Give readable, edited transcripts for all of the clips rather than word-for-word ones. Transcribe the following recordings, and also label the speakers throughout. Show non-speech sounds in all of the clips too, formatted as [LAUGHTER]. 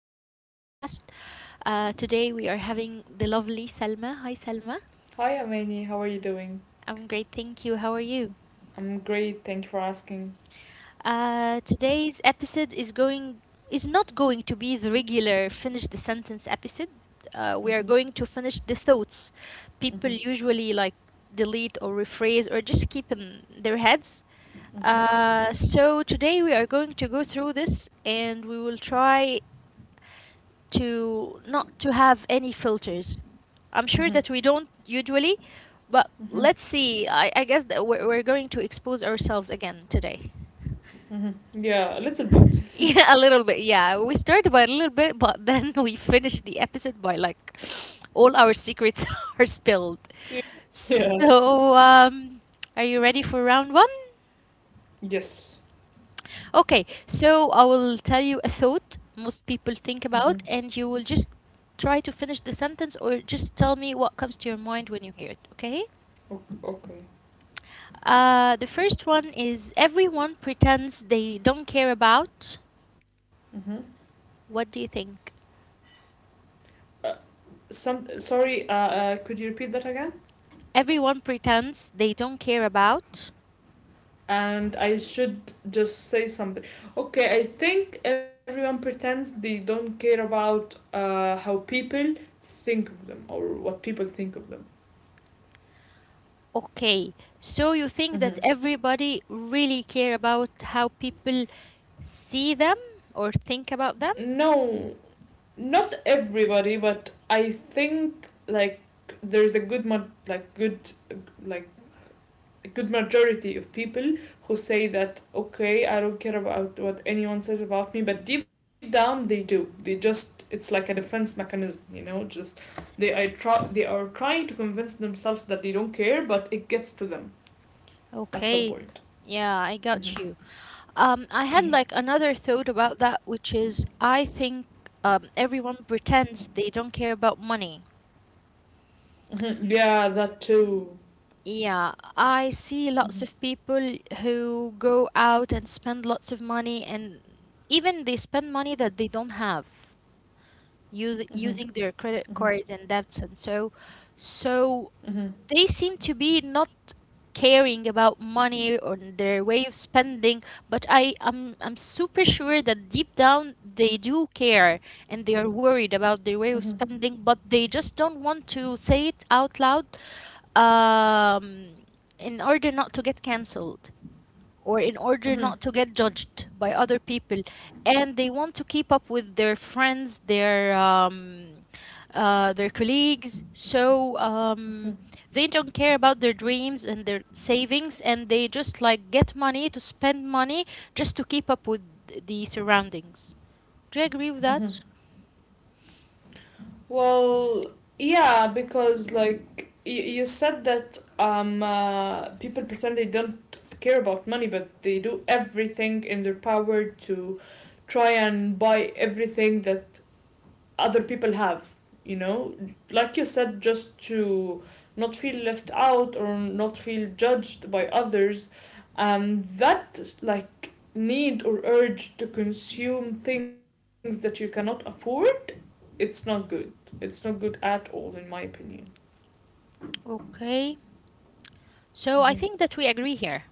Speaker 1: of our podcast. Today, we are having the lovely Selma. Hi, Selma.
Speaker 2: Hi, Amani. How are
Speaker 1: I'm
Speaker 2: you
Speaker 1: great,
Speaker 2: doing?
Speaker 1: thank you. How are you?
Speaker 2: I'm great. Thank you for asking.
Speaker 1: Today's episode is not going to be the regular finish the sentence episode. We are going to
Speaker 2: Mm-hmm.
Speaker 1: finish the thoughts people usually
Speaker 2: Mm-hmm.
Speaker 1: like delete or rephrase or just keep in their heads. Uh,
Speaker 2: Mm-hmm.
Speaker 1: so today we are going to go through this and we will try to not to have any filters. I'm sure that we
Speaker 2: Mm-hmm.
Speaker 1: don't usually, but let's
Speaker 2: Mm-hmm.
Speaker 1: see. I guess that we're going to expose ourselves again today.
Speaker 2: Mm-hmm.
Speaker 1: [LAUGHS]
Speaker 2: Yeah, a little bit.
Speaker 1: Yeah, a little bit. Yeah, we started by a little bit, but then [LAUGHS] we finished the episode by like [SNIFFS] all our secrets [LAUGHS] are spilled.
Speaker 2: Y- Yeah.
Speaker 1: So, are you ready for round one?
Speaker 2: Yes.
Speaker 1: Okay, so I will tell you a thought most people think about,
Speaker 2: Mm-hmm.
Speaker 1: and you will just try to finish the sentence or just tell me what comes to your mind when you hear it, okay?
Speaker 2: Okay.
Speaker 1: The first one is everyone pretends they don't care about.
Speaker 2: Mm-hmm.
Speaker 1: What do you think?
Speaker 2: Uh, Some. Sorry. Could you repeat that again?
Speaker 1: Everyone pretends they don't care about.
Speaker 2: And I should just say something. Okay. I think everyone pretends they don't care about how people think of them or what people think of them.
Speaker 1: Okay, so you think that
Speaker 2: Mm-hmm.
Speaker 1: everybody really care about how people see them or think about them?
Speaker 2: No, not everybody, but I think like there's a like good like a good majority of people who say that okay, I don't care about what anyone says about me, but deep down they do. They just It's like a defense mechanism, you know, just they are trying to convince themselves that they don't care, but it gets to them at
Speaker 1: Okay,
Speaker 2: some point.
Speaker 1: yeah, I got
Speaker 2: Mm-hmm.
Speaker 1: you. I had like
Speaker 2: Mm-hmm.
Speaker 1: another thought about that, which is I think everyone pretends they don't care about money.
Speaker 2: Mm-hmm. Yeah, that too.
Speaker 1: Yeah, I see
Speaker 2: Mm-hmm.
Speaker 1: lots of people who go out and spend lots of money, and even they spend money that they don't have,
Speaker 2: Mm-hmm.
Speaker 1: using their
Speaker 2: Mm-hmm.
Speaker 1: credit cards and debts, and so
Speaker 2: Mm-hmm.
Speaker 1: they seem to be not caring about money or their way of spending, but I'm super sure that deep down they do care, and they are worried about their
Speaker 2: Mm-hmm.
Speaker 1: way of spending, but they just don't want to say it out loud um in order not to get cancelled, or in order
Speaker 2: Mm-hmm.
Speaker 1: not to get judged by other people. And they want to keep up with their friends, their colleagues. so
Speaker 2: Mm-hmm.
Speaker 1: um, they don't care about their dreams and their savings, and they just like get money to spend money just to keep up with the surroundings. Do you agree with
Speaker 2: Mm-hmm.
Speaker 1: that?
Speaker 2: Well, yeah, because like you said that people pretend they don't care about money, but they do everything in their power to try and buy everything that other people have. You know, like you said, just to not feel left out or not feel judged by others, and that like need or urge to consume things that you cannot afford, it's not good. It's not good at all, in my opinion.
Speaker 1: Okay, so I think
Speaker 2: Hmm.
Speaker 1: that we agree here.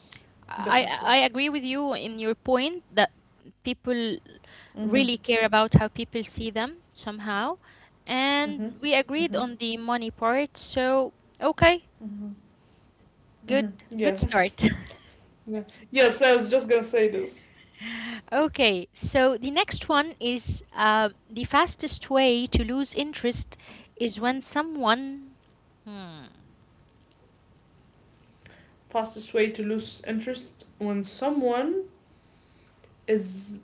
Speaker 2: Yes,
Speaker 1: I i I
Speaker 2: definitely.
Speaker 1: agree with you in your point that people
Speaker 2: Hmm.
Speaker 1: really care about how people see them somehow.
Speaker 2: Hmm.
Speaker 1: And we agreed
Speaker 2: Hmm.
Speaker 1: on the money part, so okay,
Speaker 2: Hmm.
Speaker 1: good,
Speaker 2: Hmm.
Speaker 1: good
Speaker 2: Yeah.
Speaker 1: start. [LAUGHS]
Speaker 2: [LAUGHS] Yeah. Yes, I was just gonna say this.
Speaker 1: Okay, so the next one is the fastest way to lose interest is when someone. Hmm.
Speaker 2: Fastest way to lose interest when someone is,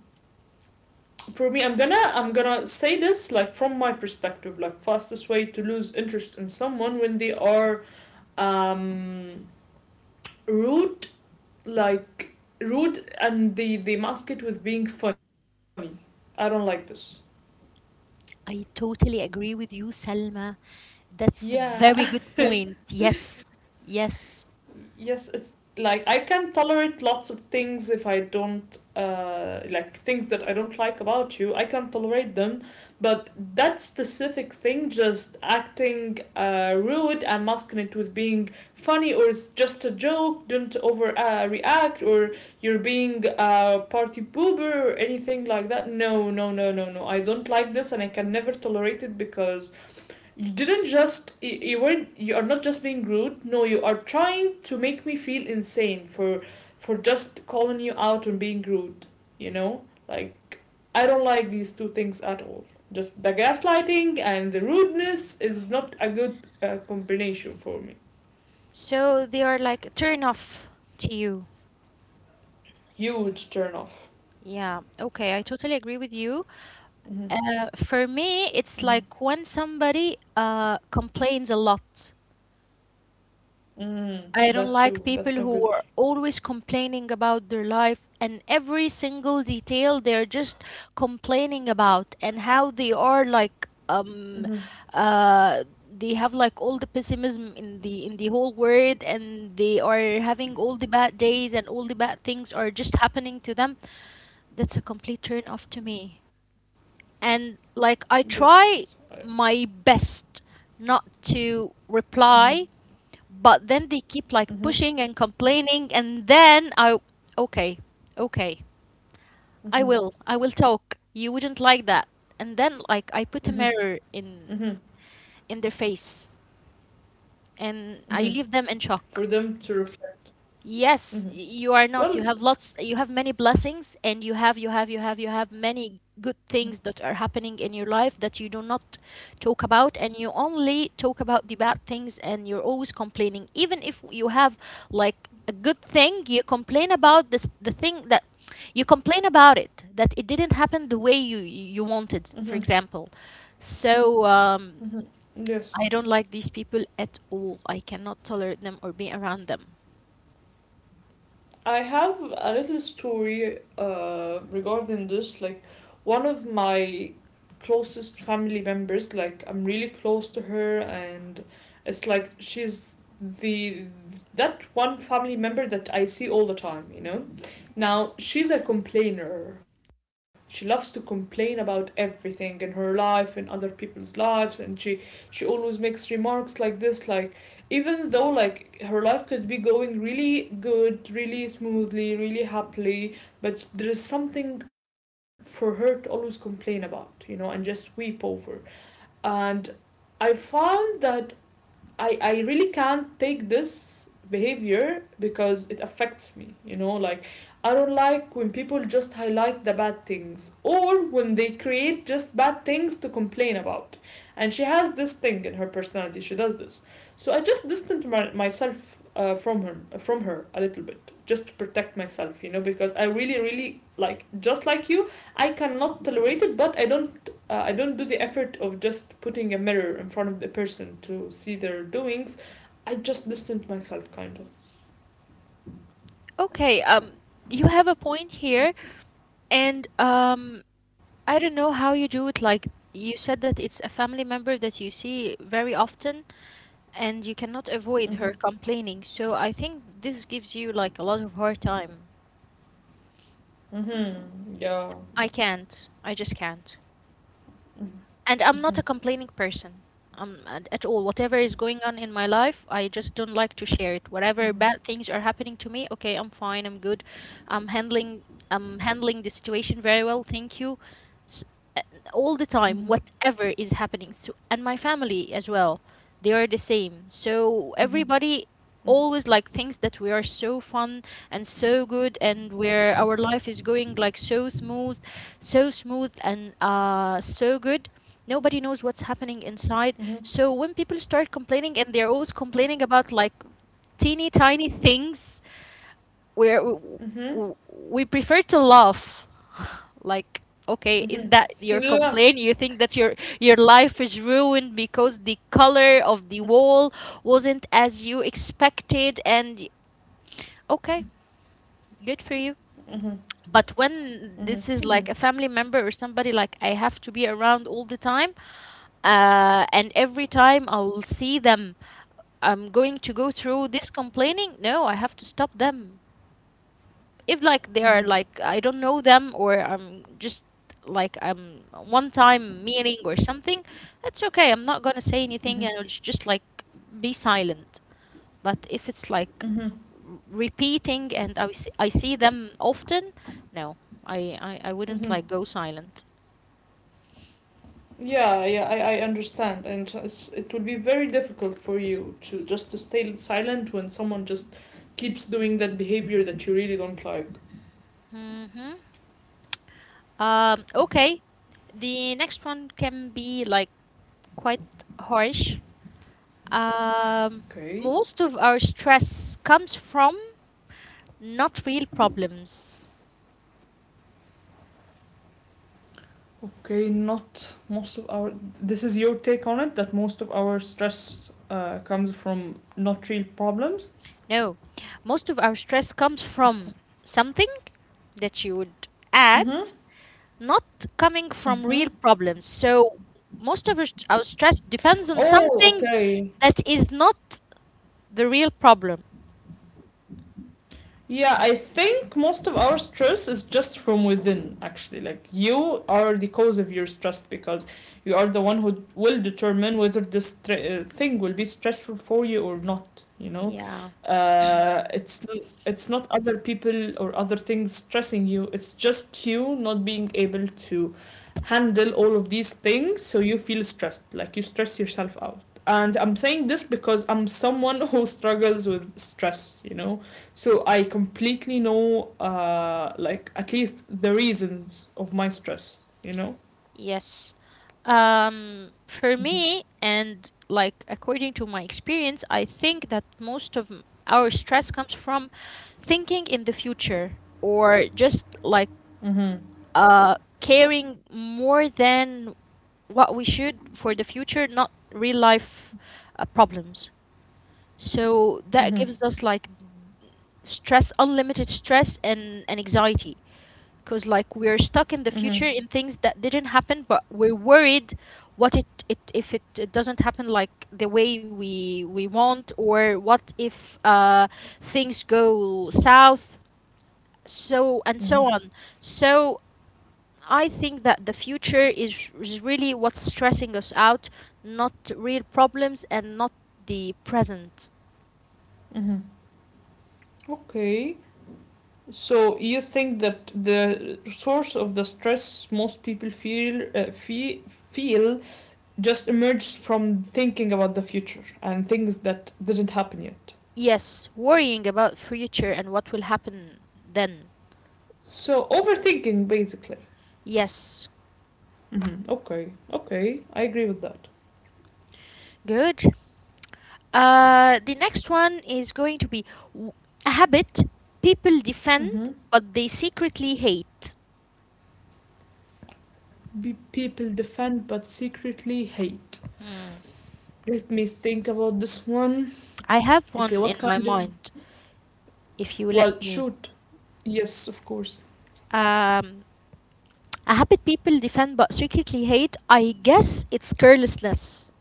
Speaker 2: for me, I'm gonna say this like from my perspective, like fastest way to lose interest in someone when they are um rude. Like rude and they mask it with being funny. I don't like this.
Speaker 1: I totally agree with you, Selma. That's a
Speaker 2: Yeah.
Speaker 1: very good
Speaker 2: [LAUGHS]
Speaker 1: point. Yes, yes.
Speaker 2: Yes, it's like I can tolerate lots of things if I don't like things that I don't like about you. I can tolerate them, but that specific thing, just acting rude and masking it with being funny or it's just a joke, don't over react or you're being a party pooper or anything like that. No, no, no, no, no. I don't like this and I can never tolerate it because you are not just being rude. No, you are trying to make me feel insane for just calling you out and being rude. You know, like I don't like these two things at all. Just the gaslighting and the rudeness is not a good combination for me.
Speaker 1: So they are like a turn off to you.
Speaker 2: Huge turn off.
Speaker 1: Yeah, okay, I totally agree with you.
Speaker 2: Hmm.
Speaker 1: For me,
Speaker 2: Hmm.
Speaker 1: it's like when somebody complains a lot.
Speaker 2: Mm,
Speaker 1: I don't
Speaker 2: that too.
Speaker 1: like people
Speaker 2: That's not good.
Speaker 1: who are always complaining about their life and every single detail they're just complaining about, and how they are like
Speaker 2: Mm-hmm.
Speaker 1: uh they have like all the pessimism in the whole world, and they are having all the bad days and all the bad things are just happening to them. That's a complete turn off to me. And like I
Speaker 2: Yes.
Speaker 1: try my best not to
Speaker 2: Mm-hmm.
Speaker 1: reply, but then they keep like
Speaker 2: Mm-hmm.
Speaker 1: pushing and complaining, and then okay, okay, I
Speaker 2: Mm-hmm.
Speaker 1: will, I will talk. You wouldn't like that, and then
Speaker 2: Mm-hmm.
Speaker 1: like I put a mirror
Speaker 2: Mm-hmm.
Speaker 1: in their face, and I
Speaker 2: Mm-hmm.
Speaker 1: leave them in shock.
Speaker 2: For them to reflect.
Speaker 1: Yes,
Speaker 2: Mm-hmm.
Speaker 1: you are not. You
Speaker 2: Well,
Speaker 1: have you have many blessings, and you have many good things that are happening in your life that you do not talk about, and you only talk about the bad things, and you're always complaining. Even if you have like a good thing, you complain about this, the thing that you complain about it, that it didn't happen the way you
Speaker 2: hmm.
Speaker 1: you wanted, for example. So
Speaker 2: Hmm.
Speaker 1: um,
Speaker 2: Yes.
Speaker 1: I don't like these people at all. I cannot tolerate them or be around them.
Speaker 2: I have a little story, regarding this. Like, one of my closest family members, like, I'm really close to her, and it's like she's the that one family member that I see all the time, you know?
Speaker 1: Yeah.
Speaker 2: Now, she's a complainer. She loves to complain about everything in her life and other people's lives, and she always makes remarks like this, like even though like her life could be going really good, really smoothly, really happily, but there is something for her to always complain about, you know, and just weep over. And I found that I really can't take this behavior because it affects me. You know, like I don't like when people just highlight the bad things or when they create just bad things to complain about. And she has this thing in her personality. She does this. So I just distanced myself from her a little bit just to protect myself, you know, because I really really, like just like you, I cannot tolerate it, but I don't I don't do the effort of just putting a mirror in front of the person to see their doings. I just distance myself, kind of.
Speaker 1: Okay, you have a point here, and I don't know how you do it. Like you said that it's a family member that you see very often, and you cannot avoid
Speaker 2: Mhm.
Speaker 1: her complaining. So I think this gives you like a lot of hard time.
Speaker 2: Mhm. Yeah.
Speaker 1: I can't. I just can't.
Speaker 2: Mhm.
Speaker 1: And I'm not a
Speaker 2: Mhm.
Speaker 1: complaining person at all. Whatever is going on in my life, I just don't like to share it. Whatever
Speaker 2: Mhm.
Speaker 1: bad things are happening to me, okay, I'm fine, I'm good, I'm handling, I'm handling the situation very well, thank you. S- uh, all the time,
Speaker 2: Mhm.
Speaker 1: whatever is happening, so and my family as well, they are the same. So
Speaker 2: Mhm.
Speaker 1: everybody always like thinks that we are so fun and so good, and where our life is going like so smooth and so good. Nobody knows what's happening inside.
Speaker 2: Mhm. Mhm.
Speaker 1: So when people start complaining, and they're always complaining about like teeny tiny things, where
Speaker 2: Mhm.
Speaker 1: we prefer to laugh. Like, okay, is
Speaker 2: Mhm.
Speaker 1: that your
Speaker 2: Yeah.
Speaker 1: complaint? You think that your life is ruined because the color of the wall wasn't as you expected? And okay, good for you.
Speaker 2: Mhm.
Speaker 1: But when
Speaker 2: Mhm.
Speaker 1: this is like
Speaker 2: Mhm.
Speaker 1: a family member or somebody like I have to be around all the time. And every time I will see them, I'm going to go through this complaining. No, I have to stop them. If like they are
Speaker 2: Mhm.
Speaker 1: like I don't know them, or I'm just like I'm one time meeting or something, that's okay. I'm not gonna say anything
Speaker 2: Mhm.
Speaker 1: and I'll just like be silent. But if it's like
Speaker 2: Mhm.
Speaker 1: repeating and I see them often, no, I wouldn't
Speaker 2: Mhm.
Speaker 1: like go silent.
Speaker 2: Yeah, I understand, and so it's, it would be very difficult for you to just to stay silent when someone just keeps doing that behavior that you really don't like.
Speaker 1: hmm okay. The next one can be like quite harsh. Um,
Speaker 2: Okay.
Speaker 1: Most of our stress comes from not real problems.
Speaker 2: Okay, not most of our. This is your take on it, that most of our stress comes from not real problems?
Speaker 1: No, most of our stress comes from something that you would
Speaker 2: Mm
Speaker 1: add,
Speaker 2: hmm.
Speaker 1: not coming
Speaker 2: Mm
Speaker 1: from
Speaker 2: hmm.
Speaker 1: real problems. So most of our stress depends on
Speaker 2: Oh,
Speaker 1: something
Speaker 2: okay.
Speaker 1: that is not the real problem.
Speaker 2: Yeah, I think most of our stress is just from within, actually. Like, you are the cause of your stress because you are the one who will determine whether thing will be stressful for you or not, you know?
Speaker 1: Yeah.
Speaker 2: Uh, it's, n- it's not other people or other things stressing you, it's just you not being able to handle all of these things, so you feel stressed. Like, you stress yourself out. And I'm saying this because I'm someone [LAUGHS] who struggles with stress, you know? So I completely know, like at least the reasons of my stress. You know.
Speaker 1: Yes. For
Speaker 2: Mm-hmm.
Speaker 1: me, and like according to my experience, I think that most of our stress comes from thinking in the future, or just like
Speaker 2: Mm-hmm.
Speaker 1: caring more than what we should for the future, not real life problems. So
Speaker 2: Mm-hmm.
Speaker 1: that gives us like stress, unlimited stress, and anxiety, because like we're stuck in
Speaker 2: Mm-hmm.
Speaker 1: the future in things that didn't happen, but we're worried what it if it doesn't happen like the way we want, or what if things go south, so and so
Speaker 2: Mm-hmm.
Speaker 1: on. So I think that the future is really what's stressing us out, not real problems and not the present.
Speaker 2: Mm-hmm. Okay. So you think that the source of the stress most people feel feel just emerged from thinking about the future and things that didn't happen yet.
Speaker 1: Yes, worrying about future and what will happen then.
Speaker 2: So overthinking, basically.
Speaker 1: Yes.
Speaker 2: Mm-hmm. Okay. Okay. I agree with that.
Speaker 1: Good. The next one is going to be w- a habit people defend
Speaker 2: Mm-hmm.
Speaker 1: but they secretly hate.
Speaker 2: be people defend but secretly hate.
Speaker 1: Hmm.
Speaker 2: Let me think about this one.
Speaker 1: I have
Speaker 2: Okay,
Speaker 1: one in
Speaker 2: what
Speaker 1: my
Speaker 2: kind of.
Speaker 1: mind, if you let
Speaker 2: Well,
Speaker 1: me.
Speaker 2: shoot. Yes, of course.
Speaker 1: Um, a habit people defend but secretly hate, I guess it's carelessness.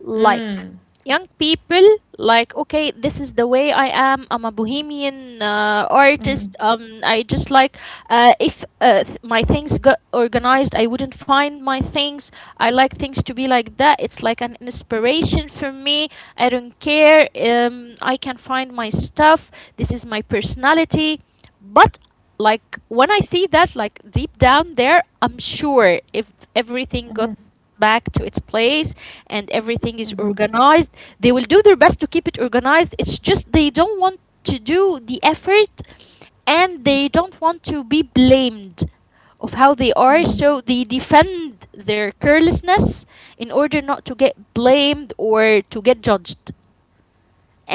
Speaker 1: Like
Speaker 2: Mm.
Speaker 1: young people, like, okay, this is the way I am, I'm a bohemian
Speaker 2: Mm-hmm.
Speaker 1: artist, I just like if th- my things got organized, I wouldn't find my things. I like things to be like that, it's like an inspiration for me, I don't care, I can find my stuff, this is my personality. But like when I see that, like deep down there, I'm sure if everything got
Speaker 2: Mm-hmm.
Speaker 1: back to its place and everything is
Speaker 2: Mm-hmm.
Speaker 1: organized, they will do their best to keep it organized. It's just they don't want to do the effort, and they don't want to be blamed of how they are,
Speaker 2: Mm-hmm.
Speaker 1: so they defend their carelessness in order not to get blamed or to get judged,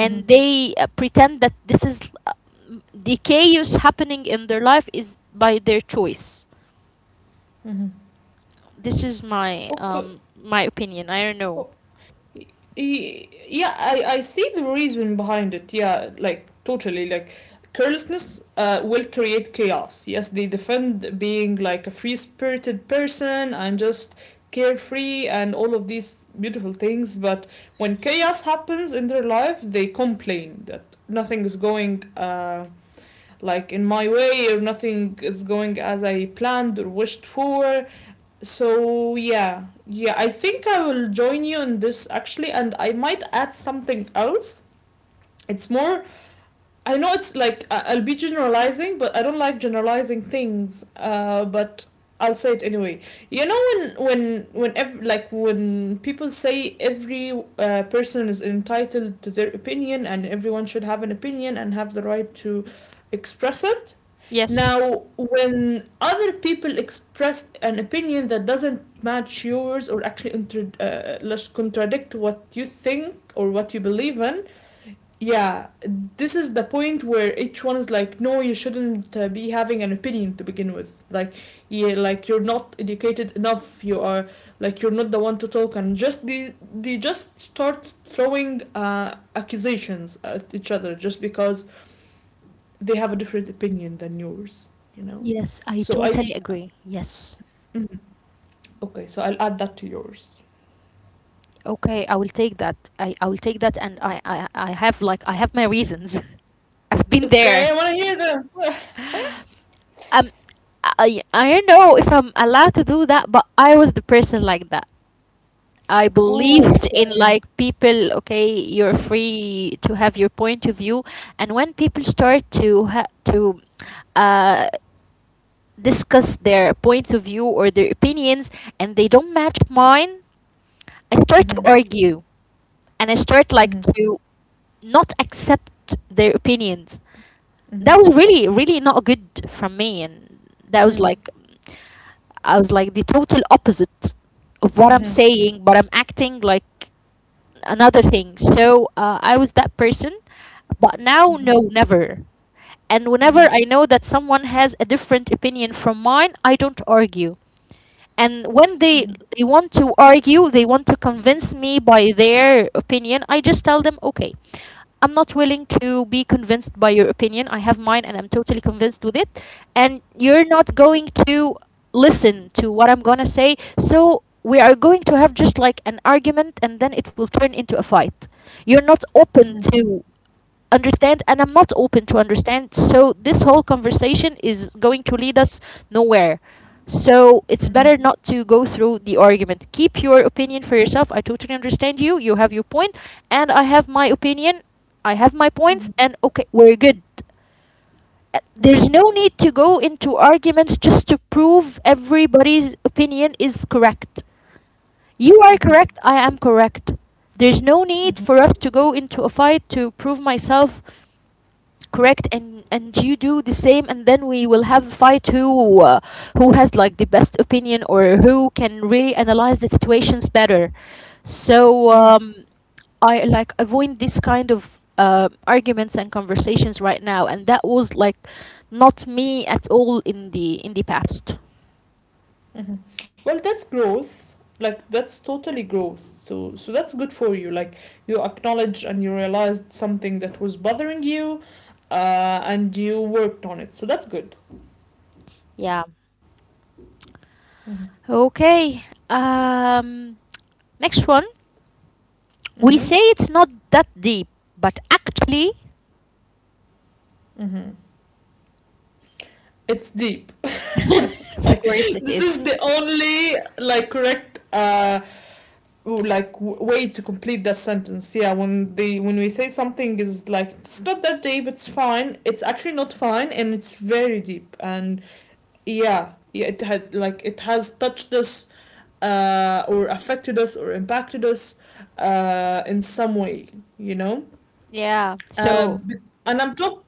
Speaker 2: Mm-hmm.
Speaker 1: they pretend that uh, the chaos happening in their life is by their choice.
Speaker 2: Mm-hmm.
Speaker 1: This is my
Speaker 2: Okay.
Speaker 1: um my opinion, I don't know.
Speaker 2: Yeah, I see the reason behind it. Yeah, like totally, like carelessness will create chaos. Yes, they defend being like a free spirited person and just carefree and all of these beautiful things, but when chaos happens in their life they complain that nothing is going like in my way or nothing is going as I planned or wished for. So yeah, yeah, I think I will join you in this actually, and I might add something else. It's more, I know it's like will be generalizing, but I don't like generalizing things. But I'll say it anyway. You know when like when people say every person is entitled to their opinion and everyone should have an opinion and have the right to express it.
Speaker 1: Yes.
Speaker 2: Now, when other people express an opinion that doesn't match yours or actually let's contradict what you think or what you believe in, yeah, this is the point where each one is like, no, you shouldn't be having an opinion to begin with. Like, yeah, like you're not educated enough, you are like you're not the one to talk, and just they just start throwing accusations at each other just because they have a different opinion than yours, you know.
Speaker 1: Yes, I
Speaker 2: So I
Speaker 1: totally agree. Yes.
Speaker 2: mhm. Okay, so I'll add that to yours.
Speaker 1: Okay, I will take that. I will take that, and I have my reasons. [LAUGHS] I've been there.
Speaker 2: Okay, I want to hear them. [SIGHS] [LAUGHS]
Speaker 1: Um I don't know if I'm allowed to do that, but I was the person like that. I
Speaker 2: Ooh,
Speaker 1: believed in
Speaker 2: okay.
Speaker 1: like people, okay, you're free to have your point of view, and when people start to uh, discuss their points of view or their opinions, and they don't match mine, I start to
Speaker 2: Mhm.
Speaker 1: argue, and I start like
Speaker 2: Mhm.
Speaker 1: to not accept their opinions. That was
Speaker 2: Mhm.
Speaker 1: really, really not good from me. And that was like,
Speaker 2: Mhm.
Speaker 1: I was like the total opposite of what I'm
Speaker 2: Mhm.
Speaker 1: saying, but I'm acting like another thing. So I was that person. But now, no,
Speaker 2: Mhm.
Speaker 1: never. And whenever I
Speaker 2: Mhm.
Speaker 1: know that someone has a different opinion from mine, I don't argue, and when they
Speaker 2: Mhm.
Speaker 1: they want to argue, they want to convince me by their opinion, I just tell them, okay, I'm not willing to be convinced by your opinion. I have mine and I'm totally convinced with it, and you're not going to listen to what I'm going to say. So we are going to have just like an argument, and then it will turn into a fight. You're not open
Speaker 2: Mhm.
Speaker 1: to understand and I'm not open to understand, so this whole conversation is going to lead us nowhere. So it's
Speaker 2: Mhm.
Speaker 1: better not to go through the argument. Keep your opinion for yourself. I totally understand You have your point and I have my opinion. I have my points,
Speaker 2: Mhm.
Speaker 1: and okay, we're good. There's
Speaker 2: Mhm.
Speaker 1: no
Speaker 2: Mhm.
Speaker 1: need to go into arguments just to prove everybody's opinion is correct. You are
Speaker 2: Mhm.
Speaker 1: correct, I am correct. There's no need for us to go into a fight to prove myself correct, and you do the same, and then we will have a fight who has like the best opinion, or who can really analyze the situations better. so
Speaker 2: Mhm.
Speaker 1: um I like avoid this kind of arguments and conversations right now, and that was like not me at all in the past.
Speaker 2: Mhm. Well, that's growth. Like that's totally growth. So so that's good for you. Like you acknowledge and you realized something that was bothering you, and you worked on it. So that's good.
Speaker 1: Yeah.
Speaker 2: Mm-hmm.
Speaker 1: Okay. Next one. We
Speaker 2: Mm-hmm.
Speaker 1: say it's not that deep, but actually,
Speaker 2: Mm-hmm. It's deep. [LAUGHS]
Speaker 1: [LAUGHS] of
Speaker 2: Like
Speaker 1: course it
Speaker 2: this is
Speaker 1: is.
Speaker 2: the only like correct like way to complete that sentence. Yeah, when they when we say something is like, it's not that deep, it's fine, it's actually not fine and it's very deep. And yeah, yeah, it had like it has touched us, or affected us or impacted us in some way, you know.
Speaker 1: Yeah.
Speaker 2: uh,
Speaker 1: So
Speaker 2: and I'm talking.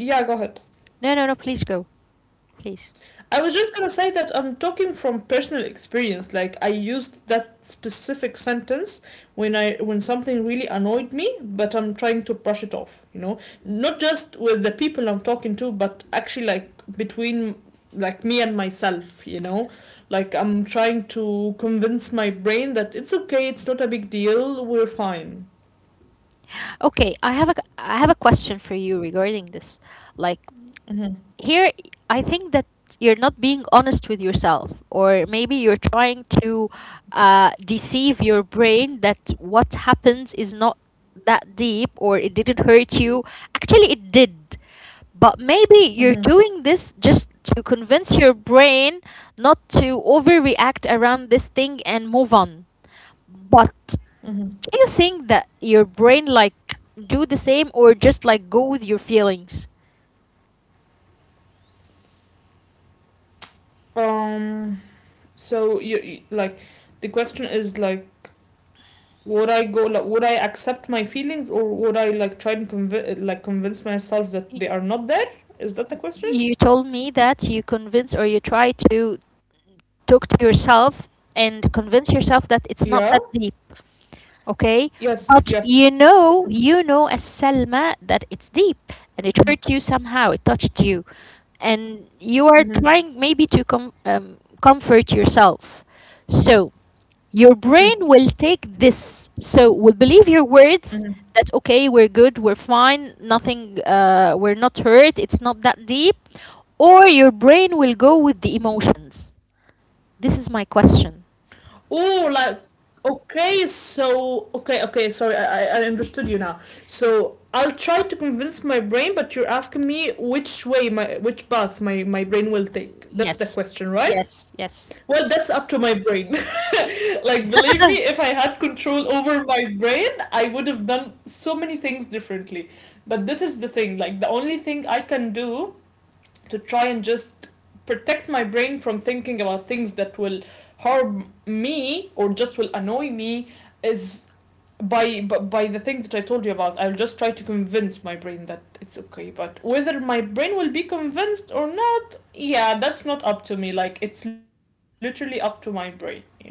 Speaker 2: Yeah, go ahead.
Speaker 1: no, no, no. Please go, please.
Speaker 2: I was just gonna say that I'm talking from personal experience. Like I used that specific sentence when I when something really annoyed me, but I'm trying to brush it off. You know, not just with the people I'm talking to, but actually like between like me and myself. You know, like I'm trying to convince my brain that it's okay, it's not a big deal, we're fine.
Speaker 1: Okay, I have a question for you regarding this. Like,
Speaker 2: Mhm.
Speaker 1: here, I think that you're not being honest with yourself, or maybe you're trying to deceive your brain, that what happens is not that deep, or it didn't hurt you. Actually, it did. But maybe you're
Speaker 2: Mhm.
Speaker 1: doing this just to convince your brain not to overreact around this thing and move on. But
Speaker 2: Mhm.
Speaker 1: do you think that your brain like do the same, or just like go with your feelings?
Speaker 2: Um. So like, the question is like would I go, like would I accept my feelings or would I like try and convince myself that
Speaker 1: Y-
Speaker 2: they are not there? Is that the question?
Speaker 1: You told me that you convince, or you try to talk to yourself and convince yourself that
Speaker 2: Yeah.
Speaker 1: it's not that deep, okay?
Speaker 2: Yes. Yes.
Speaker 1: But
Speaker 2: Mm-hmm.
Speaker 1: you know as Selma that it's deep and it hurt you somehow, it touched you. And you are
Speaker 2: Mm-hmm.
Speaker 1: trying maybe to comfort yourself. So
Speaker 2: Mm-hmm.
Speaker 1: your brain will take this, so will believe your
Speaker 2: Mm-hmm.
Speaker 1: words that okay, we're good, we're fine, nothing, we're not hurt, it's not that deep, or your brain will go with the emotions. This is my question.
Speaker 2: Oh, like okay. So okay. Okay. Sorry, I understood you now. So I'll try to convince my brain, but you're asking me which way my which path my brain will take. That's the
Speaker 1: Yes.
Speaker 2: question, right?
Speaker 1: Yes, yes.
Speaker 2: Well, that's up to my brain. [LAUGHS] Like, believe me, if I had control over my brain, I would have done so many things differently. But this is the thing, like, the only thing I can do to try and just protect my brain from thinking about things that will harm me or just will annoy me is by the thing that I told you about. I'll just try to convince my brain that it's okay. But whether my brain will be convinced or yeah, that's not up to me. Like, it's literally up to my brain, you know?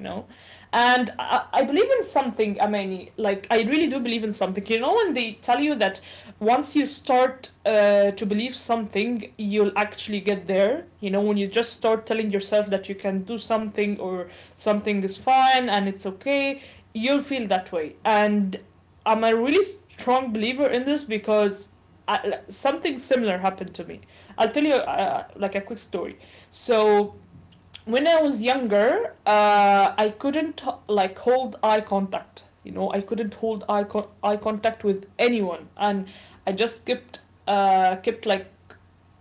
Speaker 2: And I believe in something, Amani. Like, I really do believe in something. You know, when they tell you that once you start to believe something, you'll actually get there. You know, when you just start telling yourself that you can do something or something is fine and it's okay, you'll feel that way. And I'm a really strong believer in this because something similar happened to me. I'll tell you like a quick story. So when I was younger, I couldn't like hold eye contact. You know, I couldn't hold eye contact with anyone, and I just kept kept like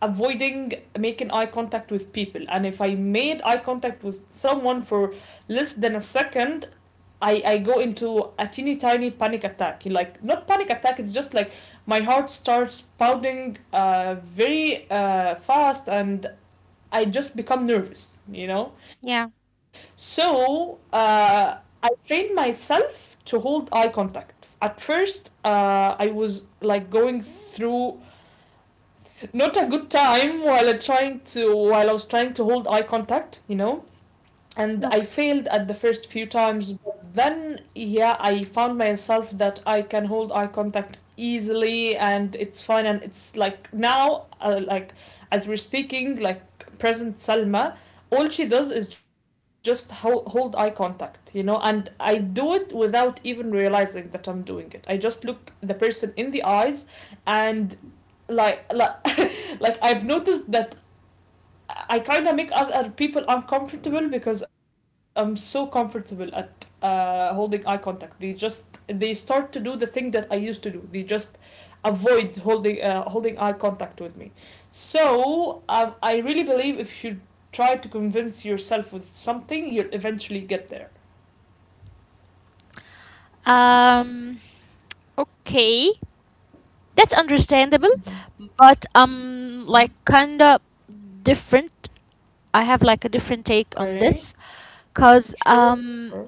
Speaker 2: avoiding making eye contact with people. And if I made eye contact with someone for less than a second, I go into a teeny tiny panic attack. Like, not panic attack, it's just like my heart starts pounding very fast and I just become nervous, you know?
Speaker 1: Yeah.
Speaker 2: So I trained myself to hold eye contact. At first, I was like going through not a good time while I was trying to hold eye contact, you know, and I
Speaker 1: Okay.
Speaker 2: failed at the first few times, but then yeah, I found myself that I can hold eye contact easily and it's fine and it's like now like as we're speaking, like present Salma, all she does is just hold eye contact, you know, and I do it without even realizing that I'm doing it. I just look the person in the eyes. And like, [LAUGHS] like I've noticed that I kind of make other people uncomfortable because I'm so comfortable at holding eye contact. They start to do the thing that I used to do. They just avoid holding eye contact with me. So I really believe if you try to convince yourself with something, you'll eventually get there.
Speaker 1: um okay, that's understandable,
Speaker 2: Mhm.
Speaker 1: but
Speaker 2: Mhm.
Speaker 1: like, kinda different. I have like a different take on
Speaker 2: Okay.
Speaker 1: this, cause
Speaker 2: Sure. Sure.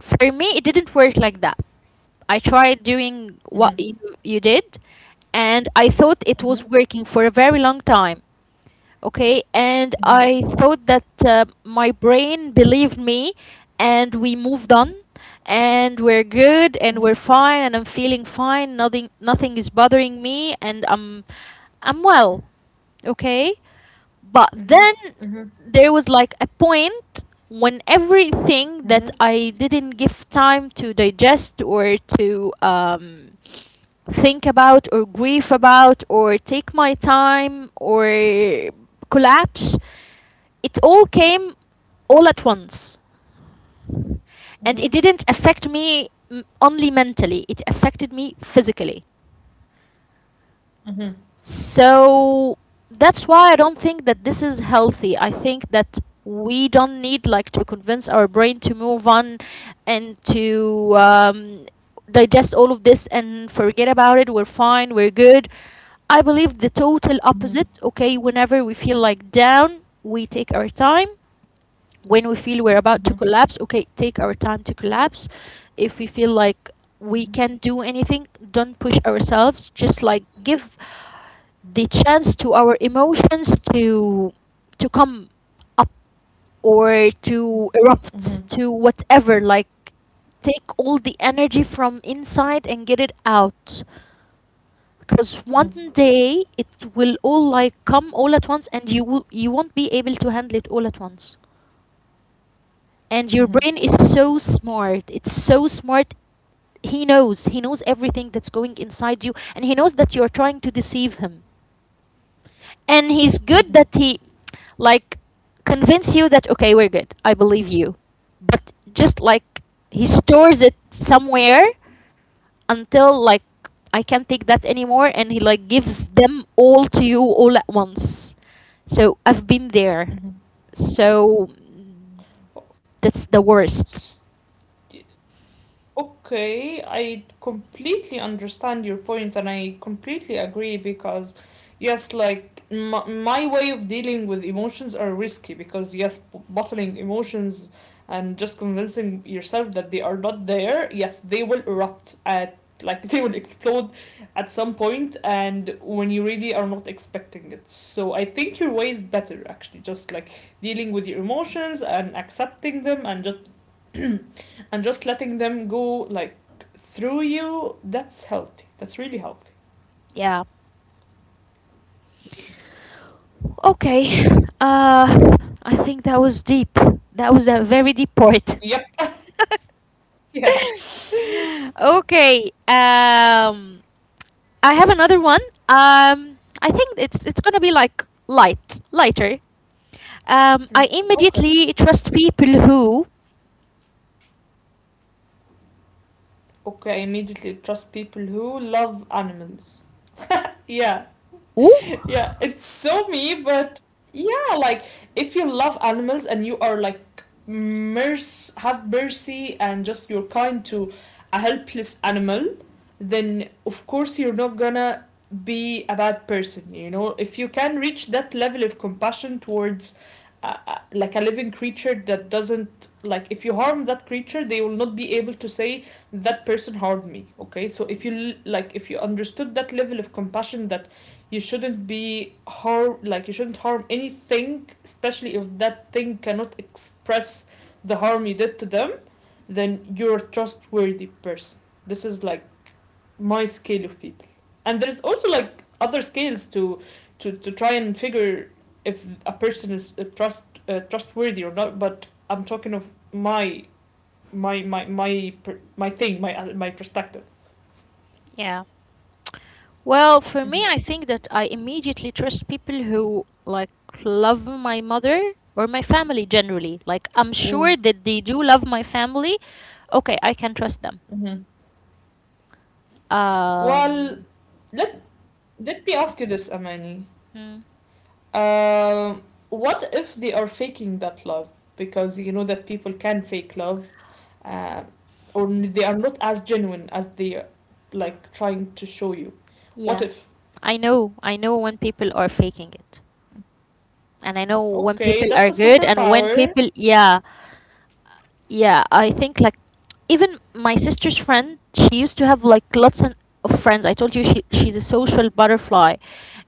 Speaker 1: for me it didn't work like that. I tried doing what
Speaker 2: Mhm.
Speaker 1: you did, and I thought it
Speaker 2: Mhm.
Speaker 1: was working for a very long time. Okay, and
Speaker 2: Mhm.
Speaker 1: I thought that my brain believed me, and we moved on, and we're good, and
Speaker 2: Mhm.
Speaker 1: we're fine, and I'm feeling fine. Nothing is bothering me, and I'm
Speaker 2: Mhm.
Speaker 1: well. Okay, but
Speaker 2: Mhm.
Speaker 1: then
Speaker 2: Mhm.
Speaker 1: there was like a point when everything
Speaker 2: Mhm.
Speaker 1: that I didn't give time to digest, or to think about, or grieve about, or take my time, or collapse, it all came all at once. And it didn't affect me only mentally, it affected me physically.
Speaker 2: Mhm.
Speaker 1: So that's why I don't think that this is healthy. I think that we don't need like to convince our brain to move on, and to digest all of this and forget about it. We're fine. We're good. I believe the total
Speaker 2: Mhm.
Speaker 1: opposite. Okay, whenever we feel like down, we take our time. When we feel we're about to
Speaker 2: Mhm.
Speaker 1: collapse, okay, take our time to collapse. If we feel like we
Speaker 2: Mhm.
Speaker 1: can't do anything, don't push ourselves. Just like give the chance to our emotions to come up, or to
Speaker 2: Mm-hmm. Mm-hmm.
Speaker 1: erupt, to whatever, like, take all the energy from inside and get it out, because one day it will all like come all at once, and you will, you won't be able to handle it all at once. And your
Speaker 2: Mm-hmm.
Speaker 1: brain is so smart, it's so smart. He knows, he knows everything that's going inside you, and he knows that you're trying to deceive him. And he's good,
Speaker 2: Mm-hmm.
Speaker 1: that he like convince you that okay, we're good, I believe you, but just like he stores it somewhere until like I can't take that anymore, and he like gives them all to you all at once. So I've been there. So
Speaker 2: Mm-hmm.
Speaker 1: that's the worst.
Speaker 2: S- Okay, I completely understand your point and I completely agree because, yes, like my way of dealing with emotions are risky because, yes, bottling emotions and just convincing yourself that they are not there, yes, they will erupt at, like, [LAUGHS] they will explode at some point and when you really are not expecting it. So I think your way is better, actually, just like dealing with your emotions and accepting them and just [CLEARS THROAT] and just letting them go like through you. That's healthy. That's really healthy.
Speaker 1: Yeah. Okay. uh I think that was deep. That was a very deep part.
Speaker 2: Yep. [LAUGHS] Yeah.
Speaker 1: [LAUGHS] [LAUGHS] Okay. I have another one. I think it's gonna be like light, lighter. I
Speaker 2: Mm. Okay.
Speaker 1: immediately trust people who.
Speaker 2: Okay. I immediately trust people who love animals. Yeah.
Speaker 1: Ooh.
Speaker 2: [LAUGHS] Yeah, it's so me, but yeah, like if you love animals and you are like have mercy and just you're kind to a helpless animal, then of course you're not gonna be a bad person, you know? If you can reach that level of compassion towards like a living creature that doesn't, like, if you harm that creature they will not be able to say that person harmed me. Okay, so if you like, if you understood that level of compassion, that you shouldn't harm anything, especially if that thing cannot express the harm you did to them, then you're a trustworthy person. This is like my scale of people. And there's also like other scales to to try and figure if a person is a trustworthy or not, but I'm talking of my my my my thing, my my perspective.
Speaker 1: Yeah. Well, for
Speaker 2: Mm-hmm.
Speaker 1: me, I think that I immediately trust people who like love my mother, or my family generally. Like, I'm sure that they do love my family. Okay, I can trust them.
Speaker 2: Mm-hmm. well
Speaker 1: Um,
Speaker 2: Let me ask you this, Amani.
Speaker 1: hmm,
Speaker 2: Um, what if they are faking that love? Because you know that people can fake love, um, or they are not as genuine as they are, like trying to show you. What
Speaker 1: yeah,
Speaker 2: if?
Speaker 1: I know when people are faking it. And I know when
Speaker 2: Okay,
Speaker 1: people
Speaker 2: that's
Speaker 1: are
Speaker 2: a
Speaker 1: good, and when
Speaker 2: superpower.
Speaker 1: people, yeah, yeah, I think like even my sister's friend, she used to have like of friends. I told you she's a social butterfly,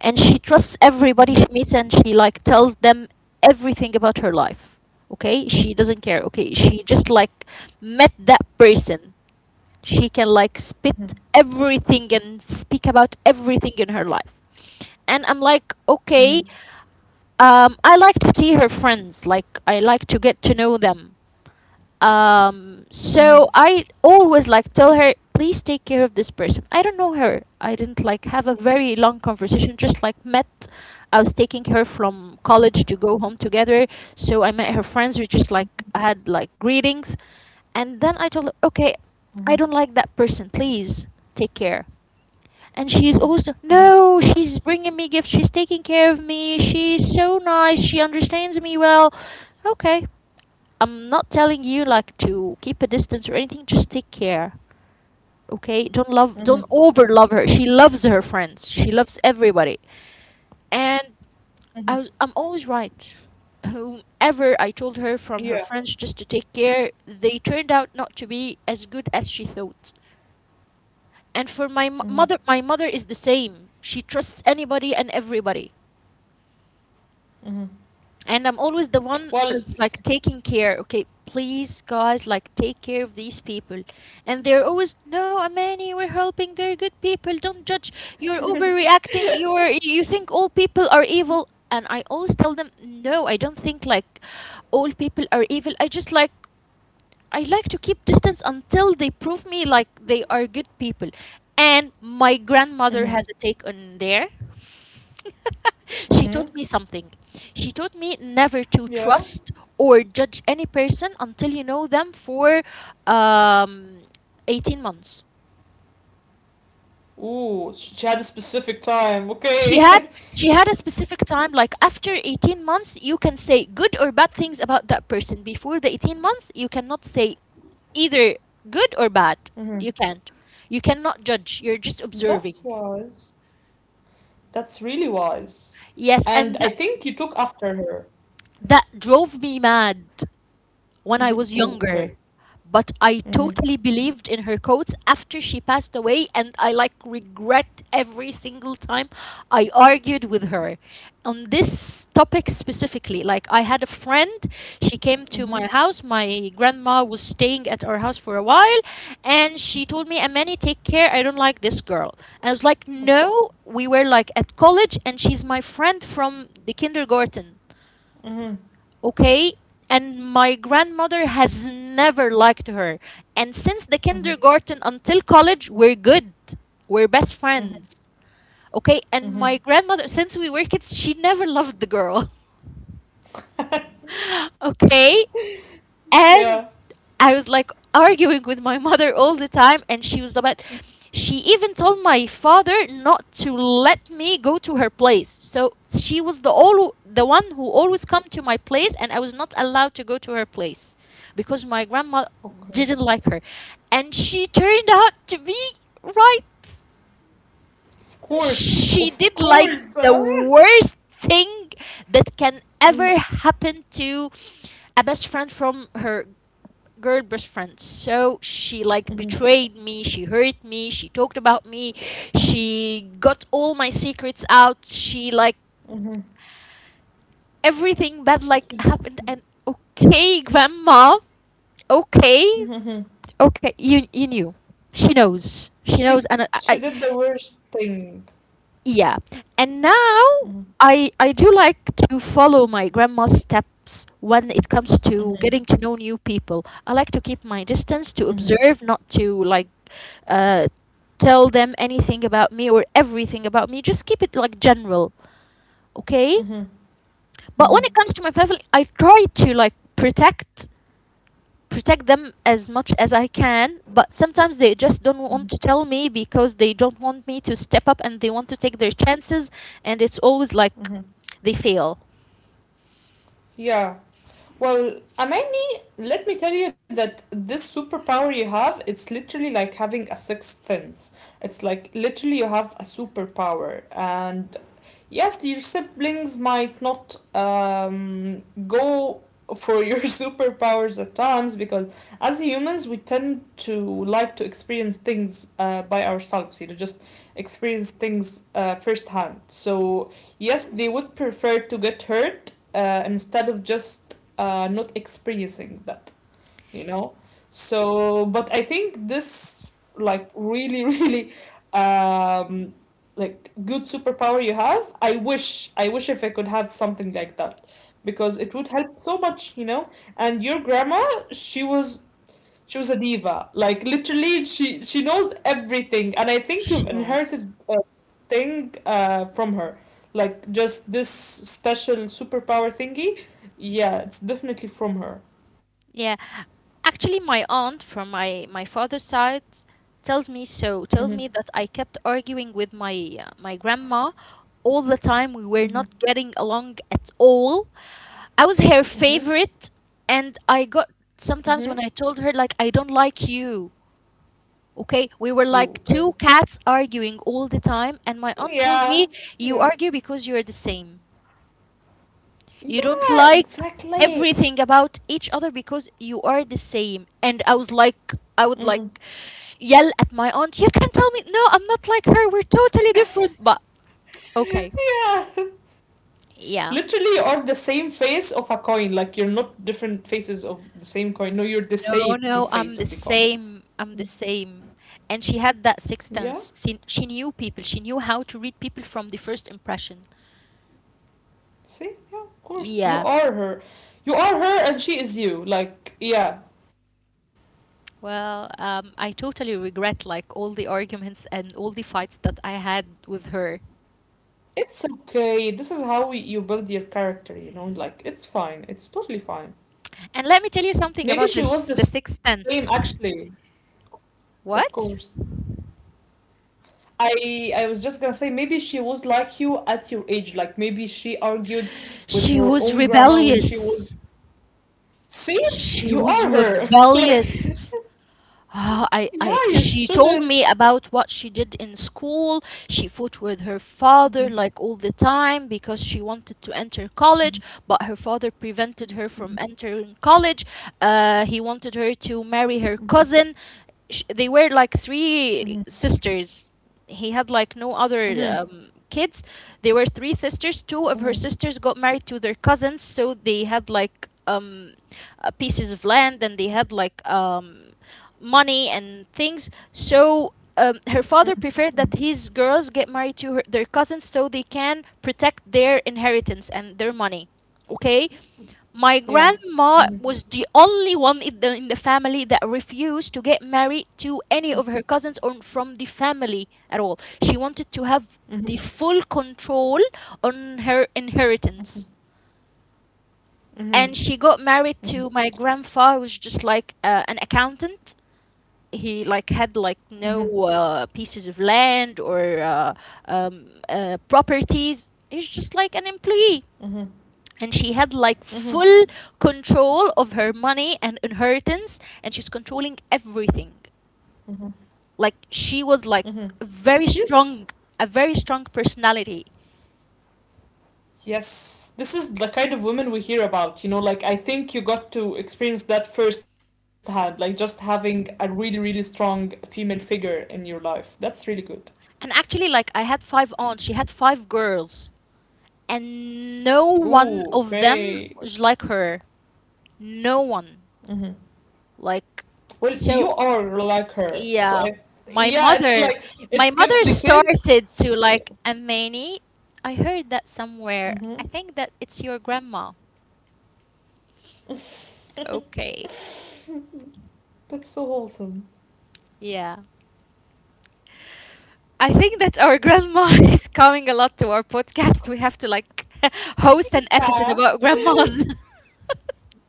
Speaker 1: and she trusts everybody she meets, and she like tells them everything about her life. Okay? She doesn't care. Okay? She just like met that person. She can like spit everything and speak about everything in her life. And I'm like, okay. I like to see her friends. Like, I like to get to know them. So I always like tell her, please take care of this person. I don't know her. I didn't like have a very long conversation. Just like met. I was taking her from college to go home together. So I met her friends. We just like had like greetings, and then I told her, okay, I don't like that person. Please take care. And she's also, no, she's bringing me gifts, she's taking care of me, she's so nice, she understands me well. Okay, I'm not telling you like to keep a distance or anything, just take care. Okay, don't love, don't over love her. She loves her friends, she loves everybody. And I was, I'm always right. Whomever I told her from her
Speaker 2: Yeah.
Speaker 1: friends just to take care, they turned out not to be as good as she thought. And for my mother, my mother is the same. She trusts anybody and everybody, and I'm always the one
Speaker 2: Well.
Speaker 1: who's like taking care. Okay, please, guys, like, take care of these people. And they're always, no, Amani, we're helping, they're good people, don't judge, you're overreacting, you think all people are evil. And I always tell them, no, I don't think like all people are evil. I like to keep distance until they prove me like they are good people. And my grandmother has a take on there. [LAUGHS] She taught me something. She taught me never to
Speaker 2: Yeah.
Speaker 1: trust or judge any person until you know them for um, 18 months.
Speaker 2: Ooh, she had a specific time.
Speaker 1: She
Speaker 2: Okay.
Speaker 1: had she had a specific time. Like, after 18 months you can say good or bad things about that person. Before the 18 months you cannot say either good or bad. You
Speaker 2: [LAUGHS]
Speaker 1: can't. You cannot judge. You're just
Speaker 2: That
Speaker 1: observing.
Speaker 2: was That's really wise.
Speaker 1: Yes, and
Speaker 2: And I think you took after her.
Speaker 1: that drove me mad when I was
Speaker 2: Hmm.
Speaker 1: younger,
Speaker 2: Oh, okay.
Speaker 1: but I totally
Speaker 2: Hmm.
Speaker 1: believed in her quotes after she passed away, and I like regret every single time I argued with her on this topic specifically. Like, I had a friend, she came to my house,
Speaker 2: Hmm.
Speaker 1: my grandma was staying at our house for a while, and she told me, Amani, take care, I don't like this girl. And I was like, no, we were like at college, and she's my friend from the kindergarten.
Speaker 2: Hmm.
Speaker 1: Okay? And my grandmother has never liked her, and since the kindergarten
Speaker 2: Hmm.
Speaker 1: until college we're good, we're best friends. Okay? And my grandmother,
Speaker 2: Hmm.
Speaker 1: since we were kids, she never loved the girl. [LAUGHS] Okay.
Speaker 2: [LAUGHS]
Speaker 1: And
Speaker 2: Yeah.
Speaker 1: I was like arguing with my mother all the time, and she was about. She even told my father not to let me go to her place. So she was the one who always come to my place, and I was not allowed to go to her place because my grandma
Speaker 2: Okay.
Speaker 1: didn't like her, and she turned out to be right.
Speaker 2: Of
Speaker 1: She
Speaker 2: course.
Speaker 1: did
Speaker 2: Of
Speaker 1: like the
Speaker 2: course. Oh,
Speaker 1: worst thing that can ever
Speaker 2: yeah.
Speaker 1: happen to a best friend from her girl best friend. So she like
Speaker 2: Mm-hmm.
Speaker 1: betrayed me, she hurt me, she talked about me, she got all my secrets out, she like
Speaker 2: Mm-hmm.
Speaker 1: everything bad like
Speaker 2: She,
Speaker 1: happened, and okay, grandma, okay,
Speaker 2: mhm.
Speaker 1: okay, you knew. She knows. She knows,
Speaker 2: she
Speaker 1: and I.
Speaker 2: she did the worst thing.
Speaker 1: Yeah. And now
Speaker 2: Hmm.
Speaker 1: I do like to follow my grandma's steps when it comes to
Speaker 2: Hmm.
Speaker 1: getting to know new people. I like to keep my distance,
Speaker 2: Hmm.
Speaker 1: to observe, not to like uh tell them anything about me or everything about me. Just keep it like general, okay?
Speaker 2: Hmm.
Speaker 1: But when
Speaker 2: Hmm.
Speaker 1: it comes to my family, I try to like protect them as much as I can, but sometimes they just don't want to tell me because they don't want me to step up and they want to take their chances, and it's always like
Speaker 2: Hmm.
Speaker 1: they fail.
Speaker 2: Yeah. Well, Amanda, let me tell you that this superpower you have, it's literally like having a sixth sense. It's like, literally, you have a superpower. And yes, your siblings might not go for your [LAUGHS] superpowers at times because as humans we tend to like to experience things by ourselves, you know, just experience things firsthand. So yes, they would prefer to get hurt instead of just not experiencing that, you know. So but I think this like really [LAUGHS] really um, like good superpower you have. I wish if I could have something like that because it would help so much, you know. And your grandma, she was she was a diva. Like, literally, she knows everything and I think
Speaker 1: She
Speaker 2: you've
Speaker 1: was.
Speaker 2: inherited a thing uh, from her, like just this special superpower thingy. Yeah, it's definitely from her.
Speaker 1: Yeah. Actually, my aunt from my father's side tells me so,
Speaker 2: Mm-hmm.
Speaker 1: tells me that I kept arguing with my my grandma all the time. We were
Speaker 2: Mm-hmm.
Speaker 1: not getting along at all. I was her
Speaker 2: Mm-hmm.
Speaker 1: favorite, and I got
Speaker 2: Mm-hmm.
Speaker 1: sometimes when I told her like I don't like you. Okay, we were
Speaker 2: Ooh,
Speaker 1: like
Speaker 2: okay.
Speaker 1: two cats arguing all the time, and my aunt told me,
Speaker 2: Yeah.
Speaker 1: you
Speaker 2: Yeah.
Speaker 1: argue because you're the same. You don't
Speaker 2: Yeah,
Speaker 1: like
Speaker 2: exactly.
Speaker 1: everything about each other because you are the same. And I was like, I would
Speaker 2: Mm-hmm.
Speaker 1: like yell at my aunt, you can tell me, no, I'm not like her. We're totally different. But okay,
Speaker 2: Yeah.
Speaker 1: yeah.
Speaker 2: Literally, you are the same face of a coin. Like, you're not different faces of the same coin. No, you're the
Speaker 1: No,
Speaker 2: same
Speaker 1: no,
Speaker 2: face of the
Speaker 1: I'm the
Speaker 2: coin.
Speaker 1: same.
Speaker 2: Mm.
Speaker 1: I'm the same. And she had that sixth
Speaker 2: Yeah.
Speaker 1: sense. She knew people, she knew how to read people from the first impression.
Speaker 2: See? Yeah, of course. You
Speaker 1: Yeah.
Speaker 2: are her. You are her and she is you. Like, yeah.
Speaker 1: Well, I totally regret like all the arguments and all the fights that I had with her.
Speaker 2: It's okay. This is how we, You build your character, you know? Like, it's fine. It's totally fine.
Speaker 1: And let me tell you something
Speaker 2: Maybe
Speaker 1: about
Speaker 2: she was
Speaker 1: this
Speaker 2: the
Speaker 1: the
Speaker 2: same,
Speaker 1: sixth sense.
Speaker 2: actually. Of course.
Speaker 1: What?
Speaker 2: I was just gonna say maybe she was like you at your age. Like, maybe she argued with
Speaker 1: She
Speaker 2: her
Speaker 1: was
Speaker 2: own grandma when she was.
Speaker 1: rebellious.
Speaker 2: See,
Speaker 1: She
Speaker 2: you
Speaker 1: was
Speaker 2: are her. [LAUGHS] Like,
Speaker 1: rebellious. Ah,
Speaker 2: yeah, you
Speaker 1: she told me
Speaker 2: shouldn't.
Speaker 1: about what she did in school. She fought with her father like all the time because she wanted to enter college, but her father prevented her from entering college. He wanted her to
Speaker 2: Mm-hmm.
Speaker 1: marry her cousin. Sh they were like three sisters. He had like no other
Speaker 2: Hmm.
Speaker 1: kids. They were three sisters. Two of her
Speaker 2: Hmm.
Speaker 1: sisters got married to their cousins, so they had like pieces of land and they had like money and things. So her father preferred that his girls get married to her, their cousins so they can protect their inheritance and their money. Okay? My
Speaker 2: Yeah.
Speaker 1: grandma
Speaker 2: Mm-hmm.
Speaker 1: was the only one in the family that refused to get married to any of her cousins or from the family at all. She wanted to have
Speaker 2: Hmm.
Speaker 1: the full control on her inheritance,
Speaker 2: Hmm. Hmm.
Speaker 1: and she got married to my grandfather who was just like an accountant. He like had like
Speaker 2: Hmm.
Speaker 1: no pieces of land or properties. He's just like an employee.
Speaker 2: Hmm.
Speaker 1: And she had like
Speaker 2: Hmm.
Speaker 1: full control of her money and inheritance, and she's controlling everything. Like she was
Speaker 2: Hmm.
Speaker 1: like very
Speaker 2: She's.
Speaker 1: strong, a very strong personality.
Speaker 2: Yes, this is the kind of women we hear about. You know, like, I think you got to experience that firsthand, like just having a really, really strong female figure in your life. That's really good.
Speaker 1: And actually, like I had five aunts, she had five girls, and no one
Speaker 2: Ooh,
Speaker 1: of them
Speaker 2: okay.
Speaker 1: was like her. No one.
Speaker 2: Hmm.
Speaker 1: Like
Speaker 2: Well, you
Speaker 1: so
Speaker 2: are like her, so
Speaker 1: yeah, my
Speaker 2: yeah, it's
Speaker 1: mother,
Speaker 2: like it
Speaker 1: my mother
Speaker 2: skipped the kids.
Speaker 1: started to like amani. I heard that somewhere.
Speaker 2: Mm-hmm.
Speaker 1: I think that it's your grandma. Okay.
Speaker 2: That's so wholesome.
Speaker 1: Yeah. I think that our grandma [LAUGHS] is coming a lot to our podcast. We have to like [LAUGHS] host an episode
Speaker 2: Yeah.
Speaker 1: about grandmas.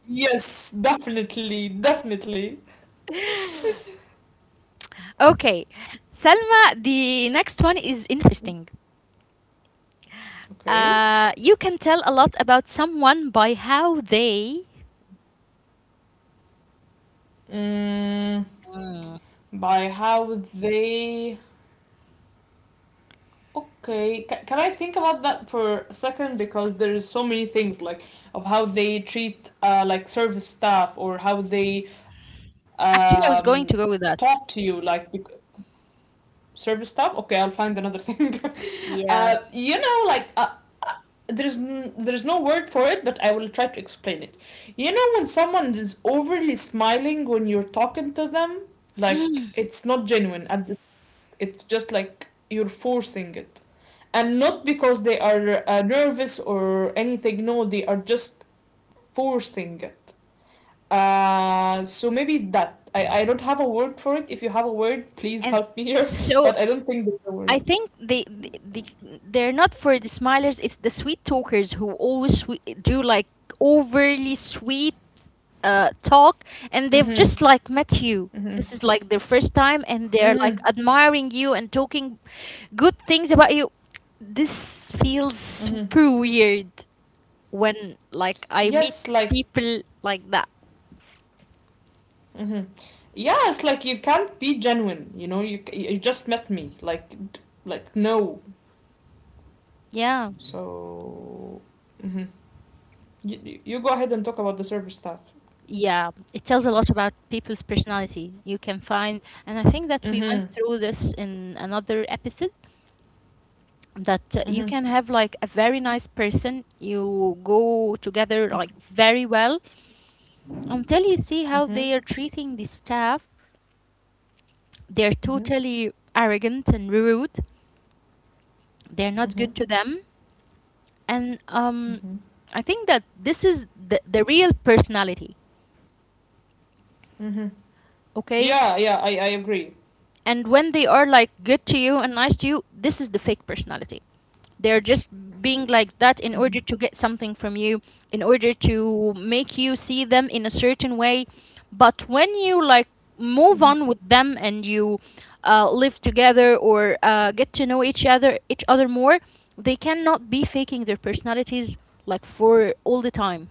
Speaker 2: Yes, definitely, definitely.
Speaker 1: [LAUGHS] Okay. Salma, the next one is interesting.
Speaker 2: Okay.
Speaker 1: You can tell a lot about someone by how they.
Speaker 2: Mm,
Speaker 1: Mm.
Speaker 2: by how they. Okay, ca can I think about that for a second? Because there's so many things, like, of how they treat like service staff or how they
Speaker 1: Actually,
Speaker 2: um,
Speaker 1: I was going to go
Speaker 2: talk
Speaker 1: with
Speaker 2: to you,
Speaker 1: that.
Speaker 2: like bec service staff. Okay, I'll find another thing. [LAUGHS]
Speaker 1: Yeah.
Speaker 2: You know, like uh, there's n there's no word for it, but I will try to explain it. You know, when someone is overly smiling when you're talking to them, like,
Speaker 1: [GASPS]
Speaker 2: it's not genuine. At this, it's just like you're forcing it, and not because they are nervous or anything. No, they are just forcing it, so maybe that, I don't have a word for it. If you have a word, please
Speaker 1: And
Speaker 2: help me here. [LAUGHS]
Speaker 1: so
Speaker 2: But I don't think there's a word.
Speaker 1: I think they're not for the smilers, it's the sweet talkers who always swe do like overly sweet talk, and they've
Speaker 2: Mm-hmm.
Speaker 1: just like met you.
Speaker 2: Mm-hmm.
Speaker 1: This is like their first time and they're
Speaker 2: Mm-hmm.
Speaker 1: like admiring you and talking good things about you. This feels
Speaker 2: Mm-hmm.
Speaker 1: super weird when like I meet
Speaker 2: Yes, like,
Speaker 1: people like that.
Speaker 2: mm-hmm. Yeah, it's like you can't be genuine, you know. You just met me, like like, no.
Speaker 1: Yeah.
Speaker 2: So, mm-hmm. You go ahead and talk about the service staff.
Speaker 1: Yeah, it tells a lot about people's personality. You can find, and I think that we went
Speaker 2: Mm-hmm.
Speaker 1: through this in another episode, that you
Speaker 2: Mm-hmm.
Speaker 1: can have like a very nice person, you go together like very well until you see how
Speaker 2: Mm-hmm. Mm-hmm.
Speaker 1: they are treating the staff. They're
Speaker 2: Mm-hmm.
Speaker 1: totally arrogant and rude. They're not
Speaker 2: Mm-hmm.
Speaker 1: good to them. And
Speaker 2: Mm-hmm.
Speaker 1: I think that this is the real personality,
Speaker 2: Mm-hmm.
Speaker 1: okay?
Speaker 2: Yeah, yeah, I agree.
Speaker 1: And when they are like good to you and nice to you, this is the fake personality. They're just being like that in
Speaker 2: Mm-hmm.
Speaker 1: order to get something from you, in order to make you see them in a certain way. But when you like
Speaker 2: Mm-hmm.
Speaker 1: move on with them and you live together or get to know each other more, they cannot be faking their personalities like for all the time.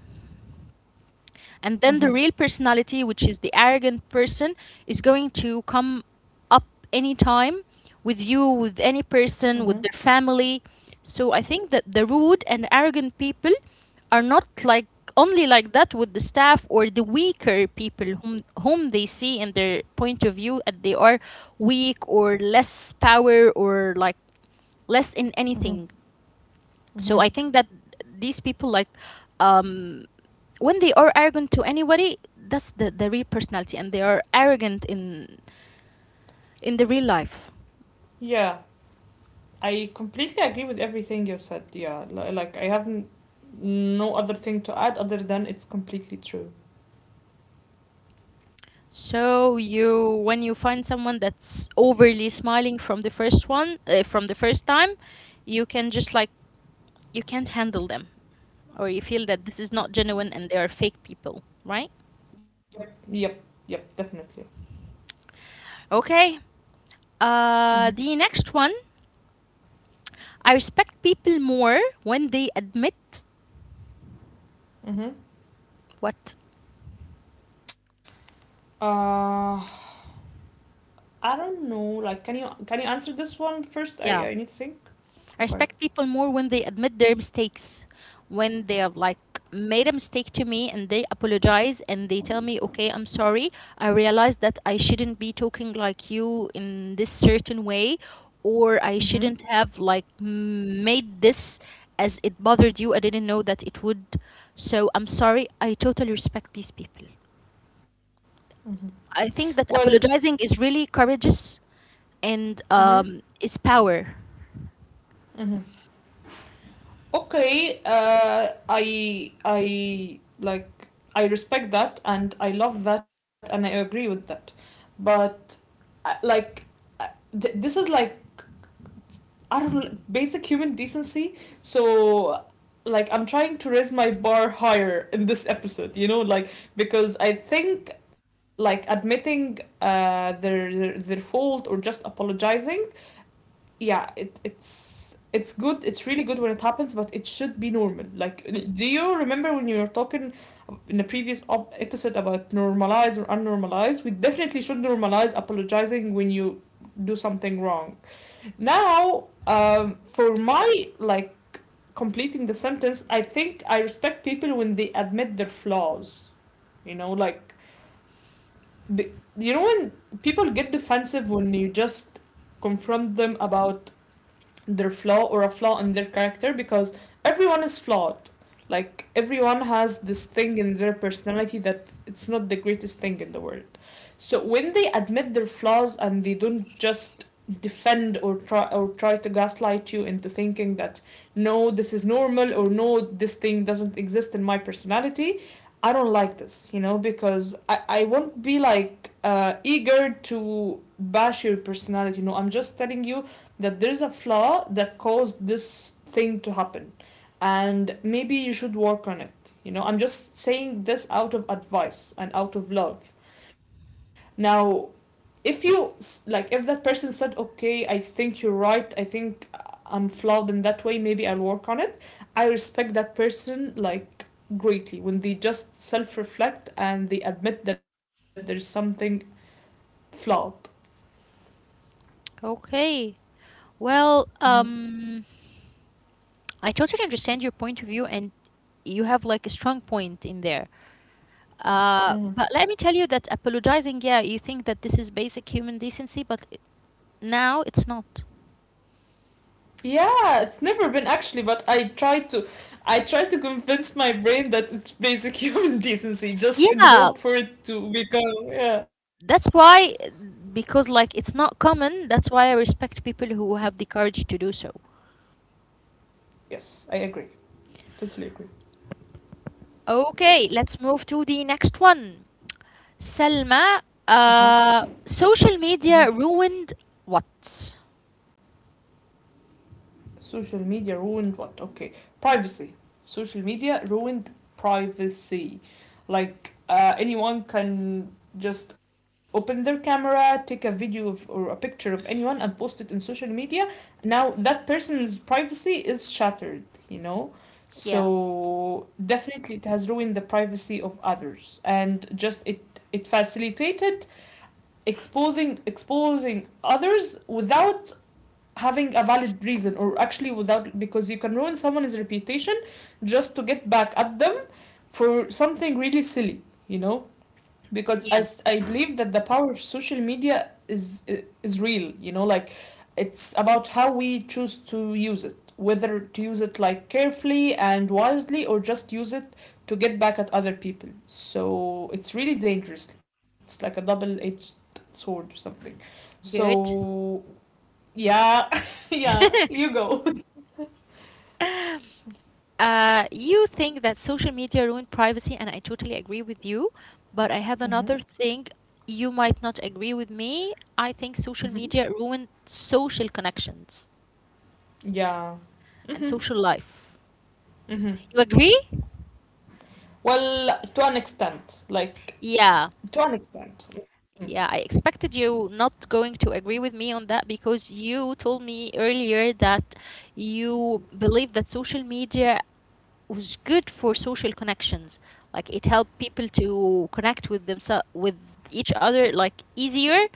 Speaker 2: Mm-hmm.
Speaker 1: And then the real personality, which is the arrogant person, is going to come up anytime with you, with any
Speaker 2: Mm-hmm.
Speaker 1: person, with their family. So I think that the rude and arrogant people are not like only like that with the staff or the weaker people whom they see in their point of view that they are weak or less power or like less in anything.
Speaker 2: Mm-hmm.
Speaker 1: So I
Speaker 2: Mm-hmm.
Speaker 1: think that these people like um when they are arrogant to anybody, that's the real personality and they are arrogant in the real life.
Speaker 2: Yeah, I completely agree with everything you said. Yeah, like, I have no other thing to add other than it's completely true.
Speaker 1: So you when you find someone that's overly smiling from the first one from the first time, you can just like you can't handle them or you feel that this is not genuine and they are fake people, right?
Speaker 2: Yep, yep, yep, definitely.
Speaker 1: Okay,
Speaker 2: Mm-hmm.
Speaker 1: the next one. I respect people more when they admit
Speaker 2: Mm-hmm.
Speaker 1: what?
Speaker 2: Uh, I don't know. Like, can you answer this one first?
Speaker 1: Yeah,
Speaker 2: I need to think.
Speaker 1: I respect
Speaker 2: Okay.
Speaker 1: people more when they admit their mistakes, when they have like made a mistake to me and they apologize and they tell me, okay, I'm sorry. I realized that I shouldn't be talking like you in this certain way, or I shouldn't
Speaker 2: Mm-hmm.
Speaker 1: have like m- made this as it bothered you. I didn't know that it would. So I'm sorry. I totally respect these people.
Speaker 2: Mm-hmm.
Speaker 1: I think that
Speaker 2: Well.
Speaker 1: apologizing is really courageous and
Speaker 2: Mm-hmm.
Speaker 1: is power.
Speaker 2: Mm-hmm. Okay, I like, I respect that and I love that and I agree with that, but uh, like uh, this is like, I don't know, basic human decency. So, like, I'm trying to raise my bar higher in this episode, you know, like, because I think like admitting their fault or just apologizing, yeah, it's good. It's really good when it happens, but it should be normal. Like, do you remember when you were talking in the previous episode about normalize or unnormalize? We definitely should normalize apologizing when you do something wrong. Now for my like completing the sentence, I think I respect people when they admit their flaws. You know, like, be, you know when people get defensive when you just confront them about their flaw or a flaw in their character, because everyone is flawed. Like, everyone has this thing in their personality that it's not the greatest thing in the world. So when they admit their flaws and they don't just defend or try to gaslight you into thinking that no, this is normal, or no, this thing doesn't exist in my personality. I don't like this, you know, because I won't be like eager to bash your personality. No, I'm just telling you that there's a flaw that caused this thing to happen, and maybe you should work on it, you know, I'm just saying this out of advice and out of love. Now if you, like if that person said, okay, I think you're right, I think I'm flawed in that way, maybe I'll work on it, I respect that person, like greatly, when they just self-reflect and they admit that there's something flawed.
Speaker 1: Okay. Well,
Speaker 2: Mm-hmm.
Speaker 1: I totally understand your point of view, and you have like a strong point in there. But
Speaker 2: Mm-hmm.
Speaker 1: let me tell you that apologizing, yeah, you think that this is basic human decency, but it- now it's not.
Speaker 2: Yeah, it's never been, actually, but I try to, I try to convince my brain that it's basic [LAUGHS] human decency, just in
Speaker 1: Yeah,
Speaker 2: hope for it to become, yeah.
Speaker 1: that's why, because like it's not common, that's why I respect people who have the courage to do so.
Speaker 2: Yes, I agree. Totally agree.
Speaker 1: Okay, let's move to the next one. Selma,
Speaker 2: Uh-huh. Uh-huh.
Speaker 1: social media ruined what?
Speaker 2: Social media ruined what? Okay, privacy. Social media ruined privacy. Like anyone can just open their camera, take a video of, or a picture of anyone and post it in social media. Now that person's privacy is shattered, you know?
Speaker 1: Yeah,
Speaker 2: So definitely it has ruined the privacy of others, and just it, it facilitated exposing others without having a valid reason, or actually without, because you can ruin someone's reputation just to get back at them for something really silly, you know, because
Speaker 1: yeah,
Speaker 2: I believe that the power of social media is real, you know, like it's about how we choose to use it, whether to use it like carefully and wisely, or just use it to get back at other people. So it's really dangerous, it's like a double-edged sword or something.
Speaker 1: good.
Speaker 2: So yeah, [LAUGHS] yeah, you go.
Speaker 1: You think that social media ruined privacy, and I totally agree with you. But I have
Speaker 2: Mm-hmm.
Speaker 1: another thing. You might not agree with me. I think social
Speaker 2: Mm-hmm.
Speaker 1: media ruined social connections
Speaker 2: Yeah.
Speaker 1: and
Speaker 2: Hmm.
Speaker 1: social life.
Speaker 2: Hmm.
Speaker 1: You agree?
Speaker 2: Well, to an extent, like
Speaker 1: Yeah.
Speaker 2: to an extent.
Speaker 1: Yeah, I expected you not going to agree with me on that because you told me earlier that you believe that social media was good for social connections. Like it helped people to connect with themselves with each other like easier.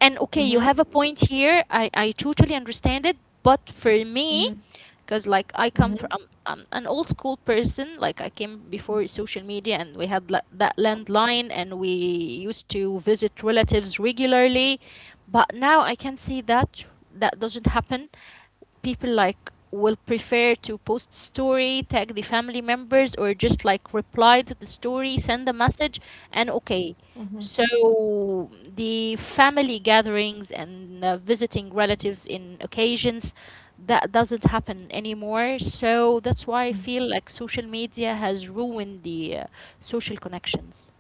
Speaker 1: And okay,
Speaker 2: Mm-hmm.
Speaker 1: you have a
Speaker 2: Hmm.
Speaker 1: point here. I totally understand it, but for me
Speaker 2: Hmm.
Speaker 1: because like I come from
Speaker 2: Hmm.
Speaker 1: I'm, an old school person like I came before social media and we had la- that landline and we used to visit relatives regularly, but now I can see that that doesn't happen. People like will prefer to post story, tag the family members, or just like reply to the story, send a message. And okay, so the family gatherings and visiting relatives in occasions, that doesn't happen anymore. So that's why I feel
Speaker 2: Hmm.
Speaker 1: like social media has ruined the social connections.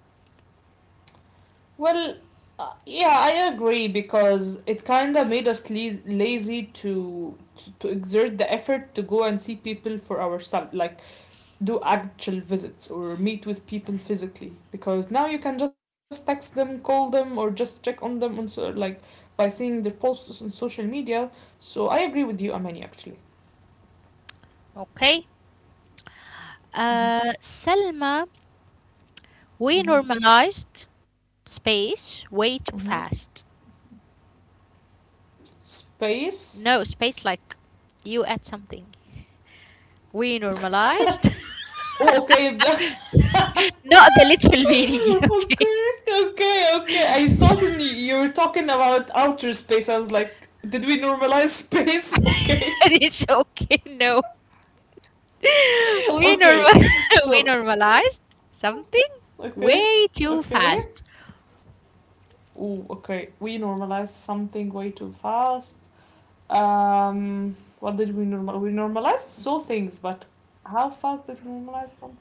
Speaker 2: Well, yeah, I agree, because it kind of made us lazy to, to exert the effort to go and see people for ourselves. Like do actual visits or meet with people physically, because now you can just text them, call them, or just check on them on, so like by seeing their posts on social media. So I agree with you, Amani. Actually,
Speaker 1: Okay,
Speaker 2: mm-hmm.
Speaker 1: Selma, we
Speaker 2: Mm-hmm.
Speaker 1: normalized space way
Speaker 2: Mm-hmm.
Speaker 1: too fast.
Speaker 2: Space.
Speaker 1: No, space like you add something. We normalized.
Speaker 2: Oh, okay.
Speaker 1: [LAUGHS] Not the literal meaning, [LAUGHS]
Speaker 2: [LAUGHS]
Speaker 1: okay.
Speaker 2: Okay, okay, okay. I
Speaker 1: So-
Speaker 2: thought, in, you were talking about outer space. I was like, did we normalize space? [LAUGHS]
Speaker 1: [LAUGHS]
Speaker 2: Okay,
Speaker 1: it's okay, no. [LAUGHS] We
Speaker 2: okay.
Speaker 1: normal [LAUGHS] we
Speaker 2: So
Speaker 1: normalized something
Speaker 2: okay,
Speaker 1: way too
Speaker 2: okay.
Speaker 1: fast.
Speaker 2: Oh, okay. We normalized something way too fast. What did we normal? We normalized so things, but how fast did we normalize something?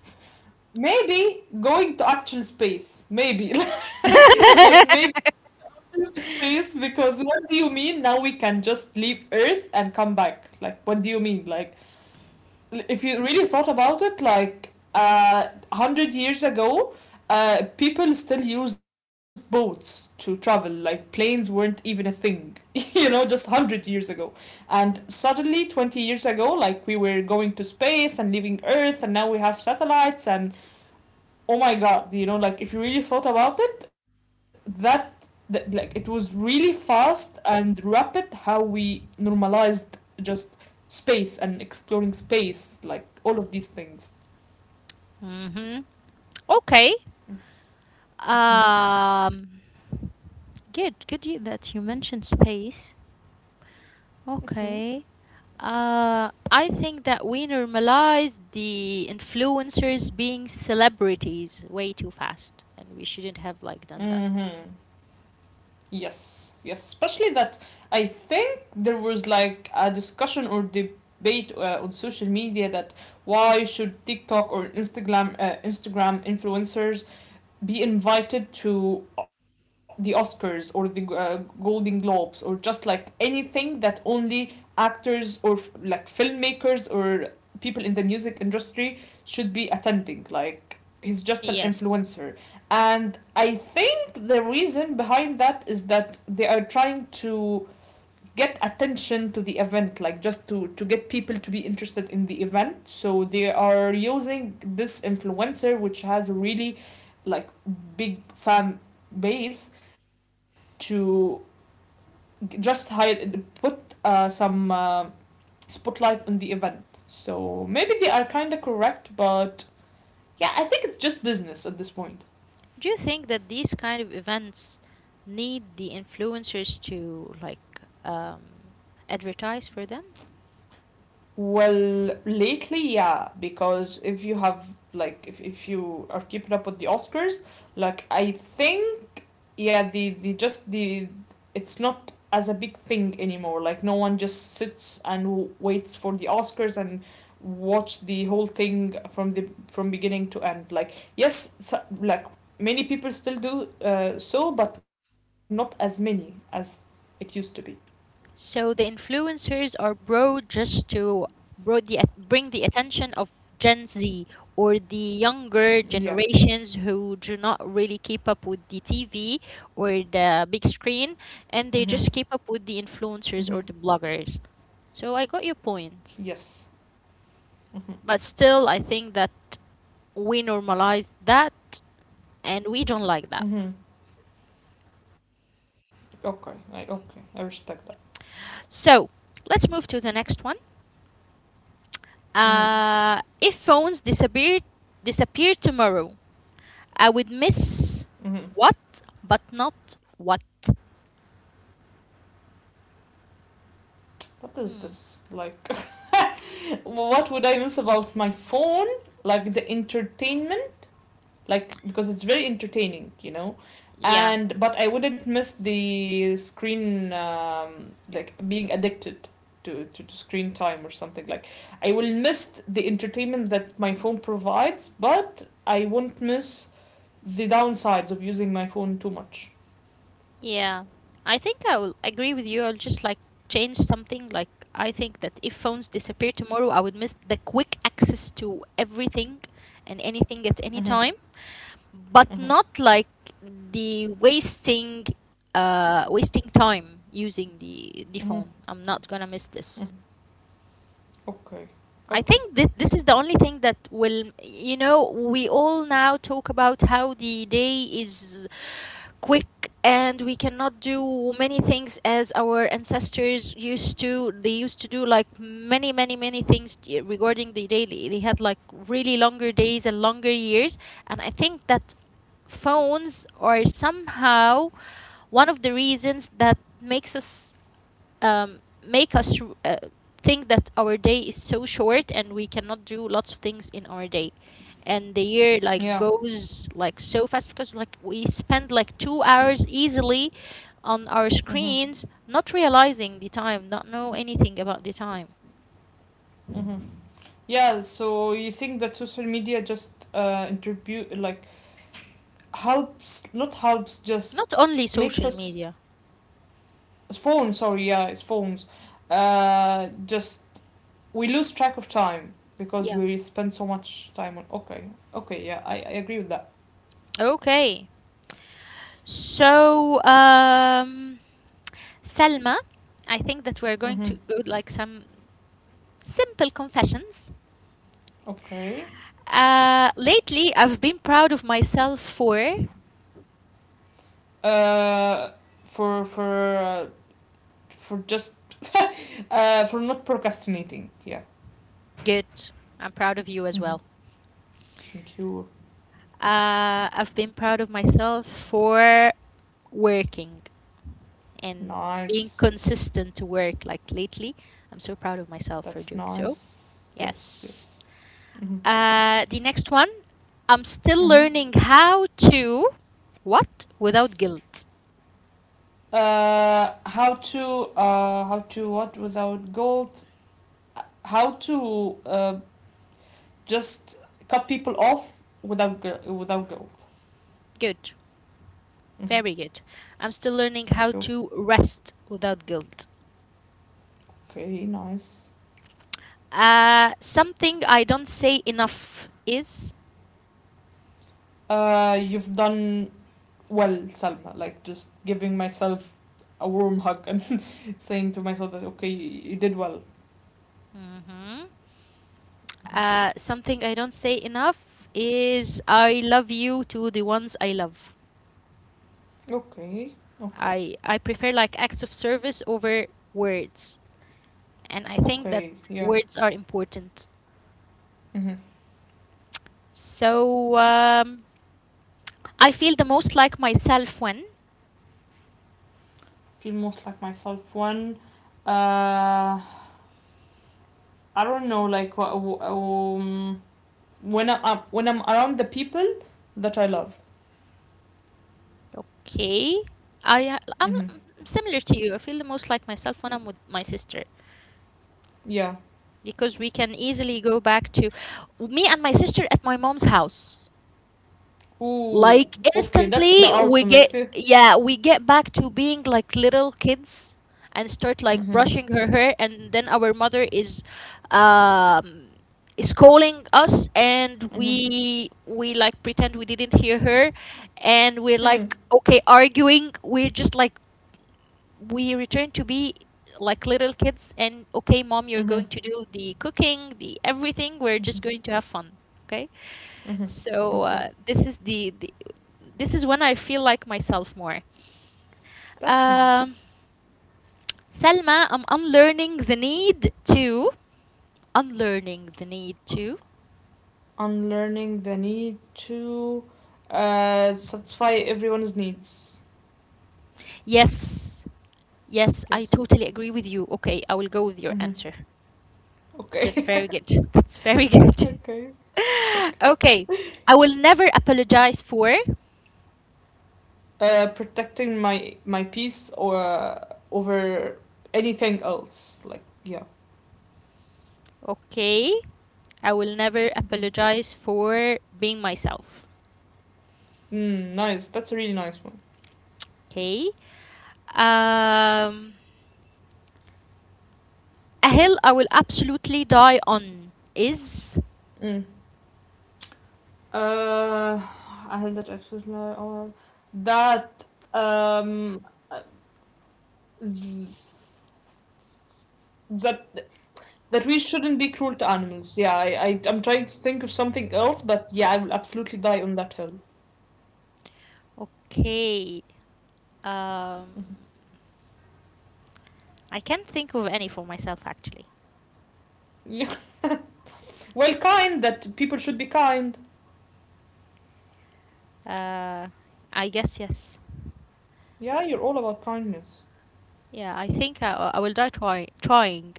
Speaker 2: Maybe going to actual space. Maybe, [LAUGHS] like maybe action space, because what do you mean? Now we can just leave Earth and come back. Like what do you mean? Like if you really thought about it, like 100 years ago, people still used boats to travel. Like planes weren't even a thing, [LAUGHS] you know, just 100 years ago. And suddenly, 20 years ago, like we were going to space and leaving Earth, and now we have satellites and, oh my god, you know, like if you really thought about it, that, that like it was really fast and rapid how we normalized just space and exploring space, like all of these things.
Speaker 1: Mm-hmm. Okay.
Speaker 2: Mm-hmm.
Speaker 1: Um good, good you- that you mentioned space.
Speaker 2: Mm-hmm.
Speaker 1: Okay. I think that we normalize the influencers being celebrities way too fast, and we shouldn't have like done that.
Speaker 2: Mm-hmm. Yes, yes, especially that I think there was like a discussion or debate on social media that why should TikTok or Instagram Instagram influencers be invited to the Oscars or the Golden Globes, or just like anything that only actors or like filmmakers or people in the music industry should be attending. Like he's just an
Speaker 1: Yes.
Speaker 2: influencer, and I think the reason behind that is that they are trying to get attention to the event, like just to get people to be interested in the event, so they are using this influencer which has really, like, big fan base to just hide, put some spotlight on the event. So maybe they are kind of correct, but yeah, I think it's just business at this point.
Speaker 1: Do you think that these kind of events need the influencers to like advertise for them?
Speaker 2: Well, lately yeah, because if you have, like if you are keeping up with the Oscars, like I think, yeah, the just the, it's not as a big thing anymore, like no one just sits and waits for the Oscars and watch the whole thing from the, from beginning to end, like yes, so like many people still do, so, but not as many as it used to be.
Speaker 1: So the influencers are brought just to brought the bring the attention of Gen Z or the younger
Speaker 2: Yeah.
Speaker 1: generations who do not really keep up with the TV or the big screen,
Speaker 2: Mhm.
Speaker 1: and they just keep up with the
Speaker 2: Mhm.
Speaker 1: influencers or the bloggers. So I got your point,
Speaker 2: Yes. Mhm.
Speaker 1: but still I think that we normalize that, and we don't like that.
Speaker 2: Mhm. Okay, I okay, I respect that.
Speaker 1: So let's move to the next one.
Speaker 2: Mhm.
Speaker 1: If phones disappeared tomorrow, I would miss
Speaker 2: Mhm.
Speaker 1: what, but not what.
Speaker 2: What is this
Speaker 1: Hmm.
Speaker 2: like? What would I miss about my phone? Like the entertainment, like because it's very entertaining, you know.
Speaker 1: Yeah,
Speaker 2: And but I wouldn't miss the screen, like being addicted to screen time or something. Like I will miss the entertainment that my phone provides, but I won't miss the downsides of using my phone too much.
Speaker 1: yeah. I think I will agree with you. I'll just like change something. Like, I think that if phones disappear tomorrow, I would miss the quick access to everything and anything at any time,
Speaker 2: Mm-hmm.
Speaker 1: but not
Speaker 2: Mm-hmm.
Speaker 1: like the wasting time using the phone.
Speaker 2: Mm-hmm.
Speaker 1: I'm not gonna miss this.
Speaker 2: Mm-hmm. Okay.
Speaker 1: I think
Speaker 2: Okay.
Speaker 1: this is the only thing that will, you know, we all now talk about how the day is quick and we cannot do many things as our ancestors used to. They used to do like many things t- regarding the day. They had like really longer days and longer years. And I think that phones are somehow one of the reasons that make us think that our day is so short and we cannot do lots of things in our day, and the year like
Speaker 2: Yeah.
Speaker 1: goes like so fast because like we spend like 2 hours easily on our
Speaker 2: Mm-hmm.
Speaker 1: screens, not realizing the time, not know anything about the time.
Speaker 2: Mm-hmm. Yeah, so you think that social media just like helps, not helps,
Speaker 1: Not
Speaker 2: just
Speaker 1: only
Speaker 2: makes
Speaker 1: social
Speaker 2: us,
Speaker 1: media,
Speaker 2: phones, sorry, yeah, it's phones, just we lose track of time because
Speaker 1: yeah,
Speaker 2: we spend so much time on, okay, okay, yeah, I agree with that.
Speaker 1: okay. So Selma, I think that we're going
Speaker 2: Mm-hmm.
Speaker 1: to go like some simple confessions.
Speaker 2: Okay.
Speaker 1: Lately, I've been proud of myself for
Speaker 2: Uh, for for uh, for just for not procrastinating, yeah.
Speaker 1: good. I'm proud of you as
Speaker 2: Mm-hmm.
Speaker 1: well.
Speaker 2: Thank you.
Speaker 1: I've been proud of myself for working and being
Speaker 2: Nice.
Speaker 1: consistent to work. Like lately, I'm so proud of myself for
Speaker 2: That's
Speaker 1: doing so.
Speaker 2: nice. Yes,
Speaker 1: Yes.
Speaker 2: yes. Mhm.
Speaker 1: The next one, I'm still
Speaker 2: Mhm.
Speaker 1: learning how to what without guilt.
Speaker 2: Uh, how to how to what without gold? How to uh, just cut people off without without gold?
Speaker 1: Good.
Speaker 2: Mhm.
Speaker 1: Very good. I'm still learning how
Speaker 2: Thank you.
Speaker 1: to rest without guilt.
Speaker 2: Okay, nice.
Speaker 1: Something I don't say enough is.
Speaker 2: You've done well, Salma. Like just giving myself a warm hug and [LAUGHS] saying to myself that okay, you did well.
Speaker 1: Mhm.
Speaker 2: Mhm.
Speaker 1: Something I don't say enough is I love you to the ones I love.
Speaker 2: Okay, okay,
Speaker 1: I prefer like acts of service over words, and I think that
Speaker 2: okay. Yeah.
Speaker 1: words are important.
Speaker 2: Mhm.
Speaker 1: So I feel the most like myself when
Speaker 2: Feel most like myself when uh, I don't know, like um, when I am, when I'm around the people that I love.
Speaker 1: okay. I I'm
Speaker 2: Mm-hmm.
Speaker 1: I'm similar to you. I feel the most like myself when I'm with my sister,
Speaker 2: Yeah.
Speaker 1: because we can easily go back to me and my sister at my mom's house.
Speaker 2: Ooh.
Speaker 1: Like
Speaker 2: Okay, that's the
Speaker 1: instantly we get
Speaker 2: ultimate.
Speaker 1: yeah, we get back to being like little kids and start like
Speaker 2: Mm-hmm.
Speaker 1: brushing her hair, and then our mother um is calling us and
Speaker 2: Mm-hmm.
Speaker 1: we like pretend we didn't hear her, and we're
Speaker 2: [LAUGHS] Mm-hmm.
Speaker 1: like okay arguing, we're just like we return to be like little kids. And okay mom, you're
Speaker 2: Mm-hmm.
Speaker 1: going to do the cooking, the everything, we're just going to have fun. Okay,
Speaker 2: Mm-hmm.
Speaker 1: so
Speaker 2: Okay,
Speaker 1: this is the this is when I feel like myself more.
Speaker 2: that's
Speaker 1: um
Speaker 2: nice.
Speaker 1: Selma, I'm unlearning the need to. Unlearning the need to.
Speaker 2: Unlearning the need to satisfy everyone's needs.
Speaker 1: Yes, yes, I
Speaker 2: Yes.
Speaker 1: totally agree with you. Okay, I will go with your
Speaker 2: Mm-hmm.
Speaker 1: answer. That's
Speaker 2: Okay.
Speaker 1: very good. [LAUGHS] That's very
Speaker 2: [LAUGHS]
Speaker 1: good.
Speaker 2: Okay.
Speaker 1: [LAUGHS] okay. I will never apologize for.
Speaker 2: Uh, protecting my peace or over anything else. Like yeah,
Speaker 1: Okay. I will never
Speaker 2: mhm.
Speaker 1: apologize for being myself.
Speaker 2: Mm, nice. That's a really nice one.
Speaker 1: Okay. Um, a hill I will absolutely die on is.
Speaker 2: Mm. Uh, I had that episode now, that um uh, that that we shouldn't be cruel to animals. Yeah, I'm trying to think of something else, but yeah, I will absolutely die on that hill.
Speaker 1: Okay. Um, I can't think of any for myself actually.
Speaker 2: Yeah. [LAUGHS] Well, kind, that people should be kind.
Speaker 1: Uh, I guess yes.
Speaker 2: Yeah, you're all about kindness.
Speaker 1: Yeah, I think I will die trying.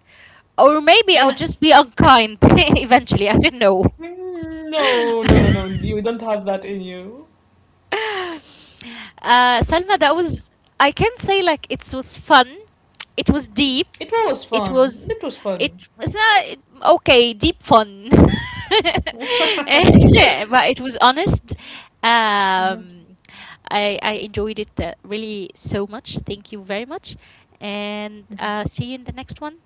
Speaker 1: Or maybe I will just
Speaker 2: Yes.
Speaker 1: be unkind [LAUGHS] eventually. I don't know.
Speaker 2: No, no, no, no.
Speaker 1: [LAUGHS]
Speaker 2: You don't have that in you.
Speaker 1: [LAUGHS] Salma, that was, I can say like it was fun. It was deep.
Speaker 2: It was
Speaker 1: It
Speaker 2: fun.
Speaker 1: was,
Speaker 2: It was fun.
Speaker 1: it was not, it- okay, deep fun. [LAUGHS]
Speaker 2: [LAUGHS]
Speaker 1: Eh, but it was honest.
Speaker 2: Mhm,
Speaker 1: Um, I enjoyed it really so much. Thank you very much. And
Speaker 2: mhm.
Speaker 1: see you in the next one.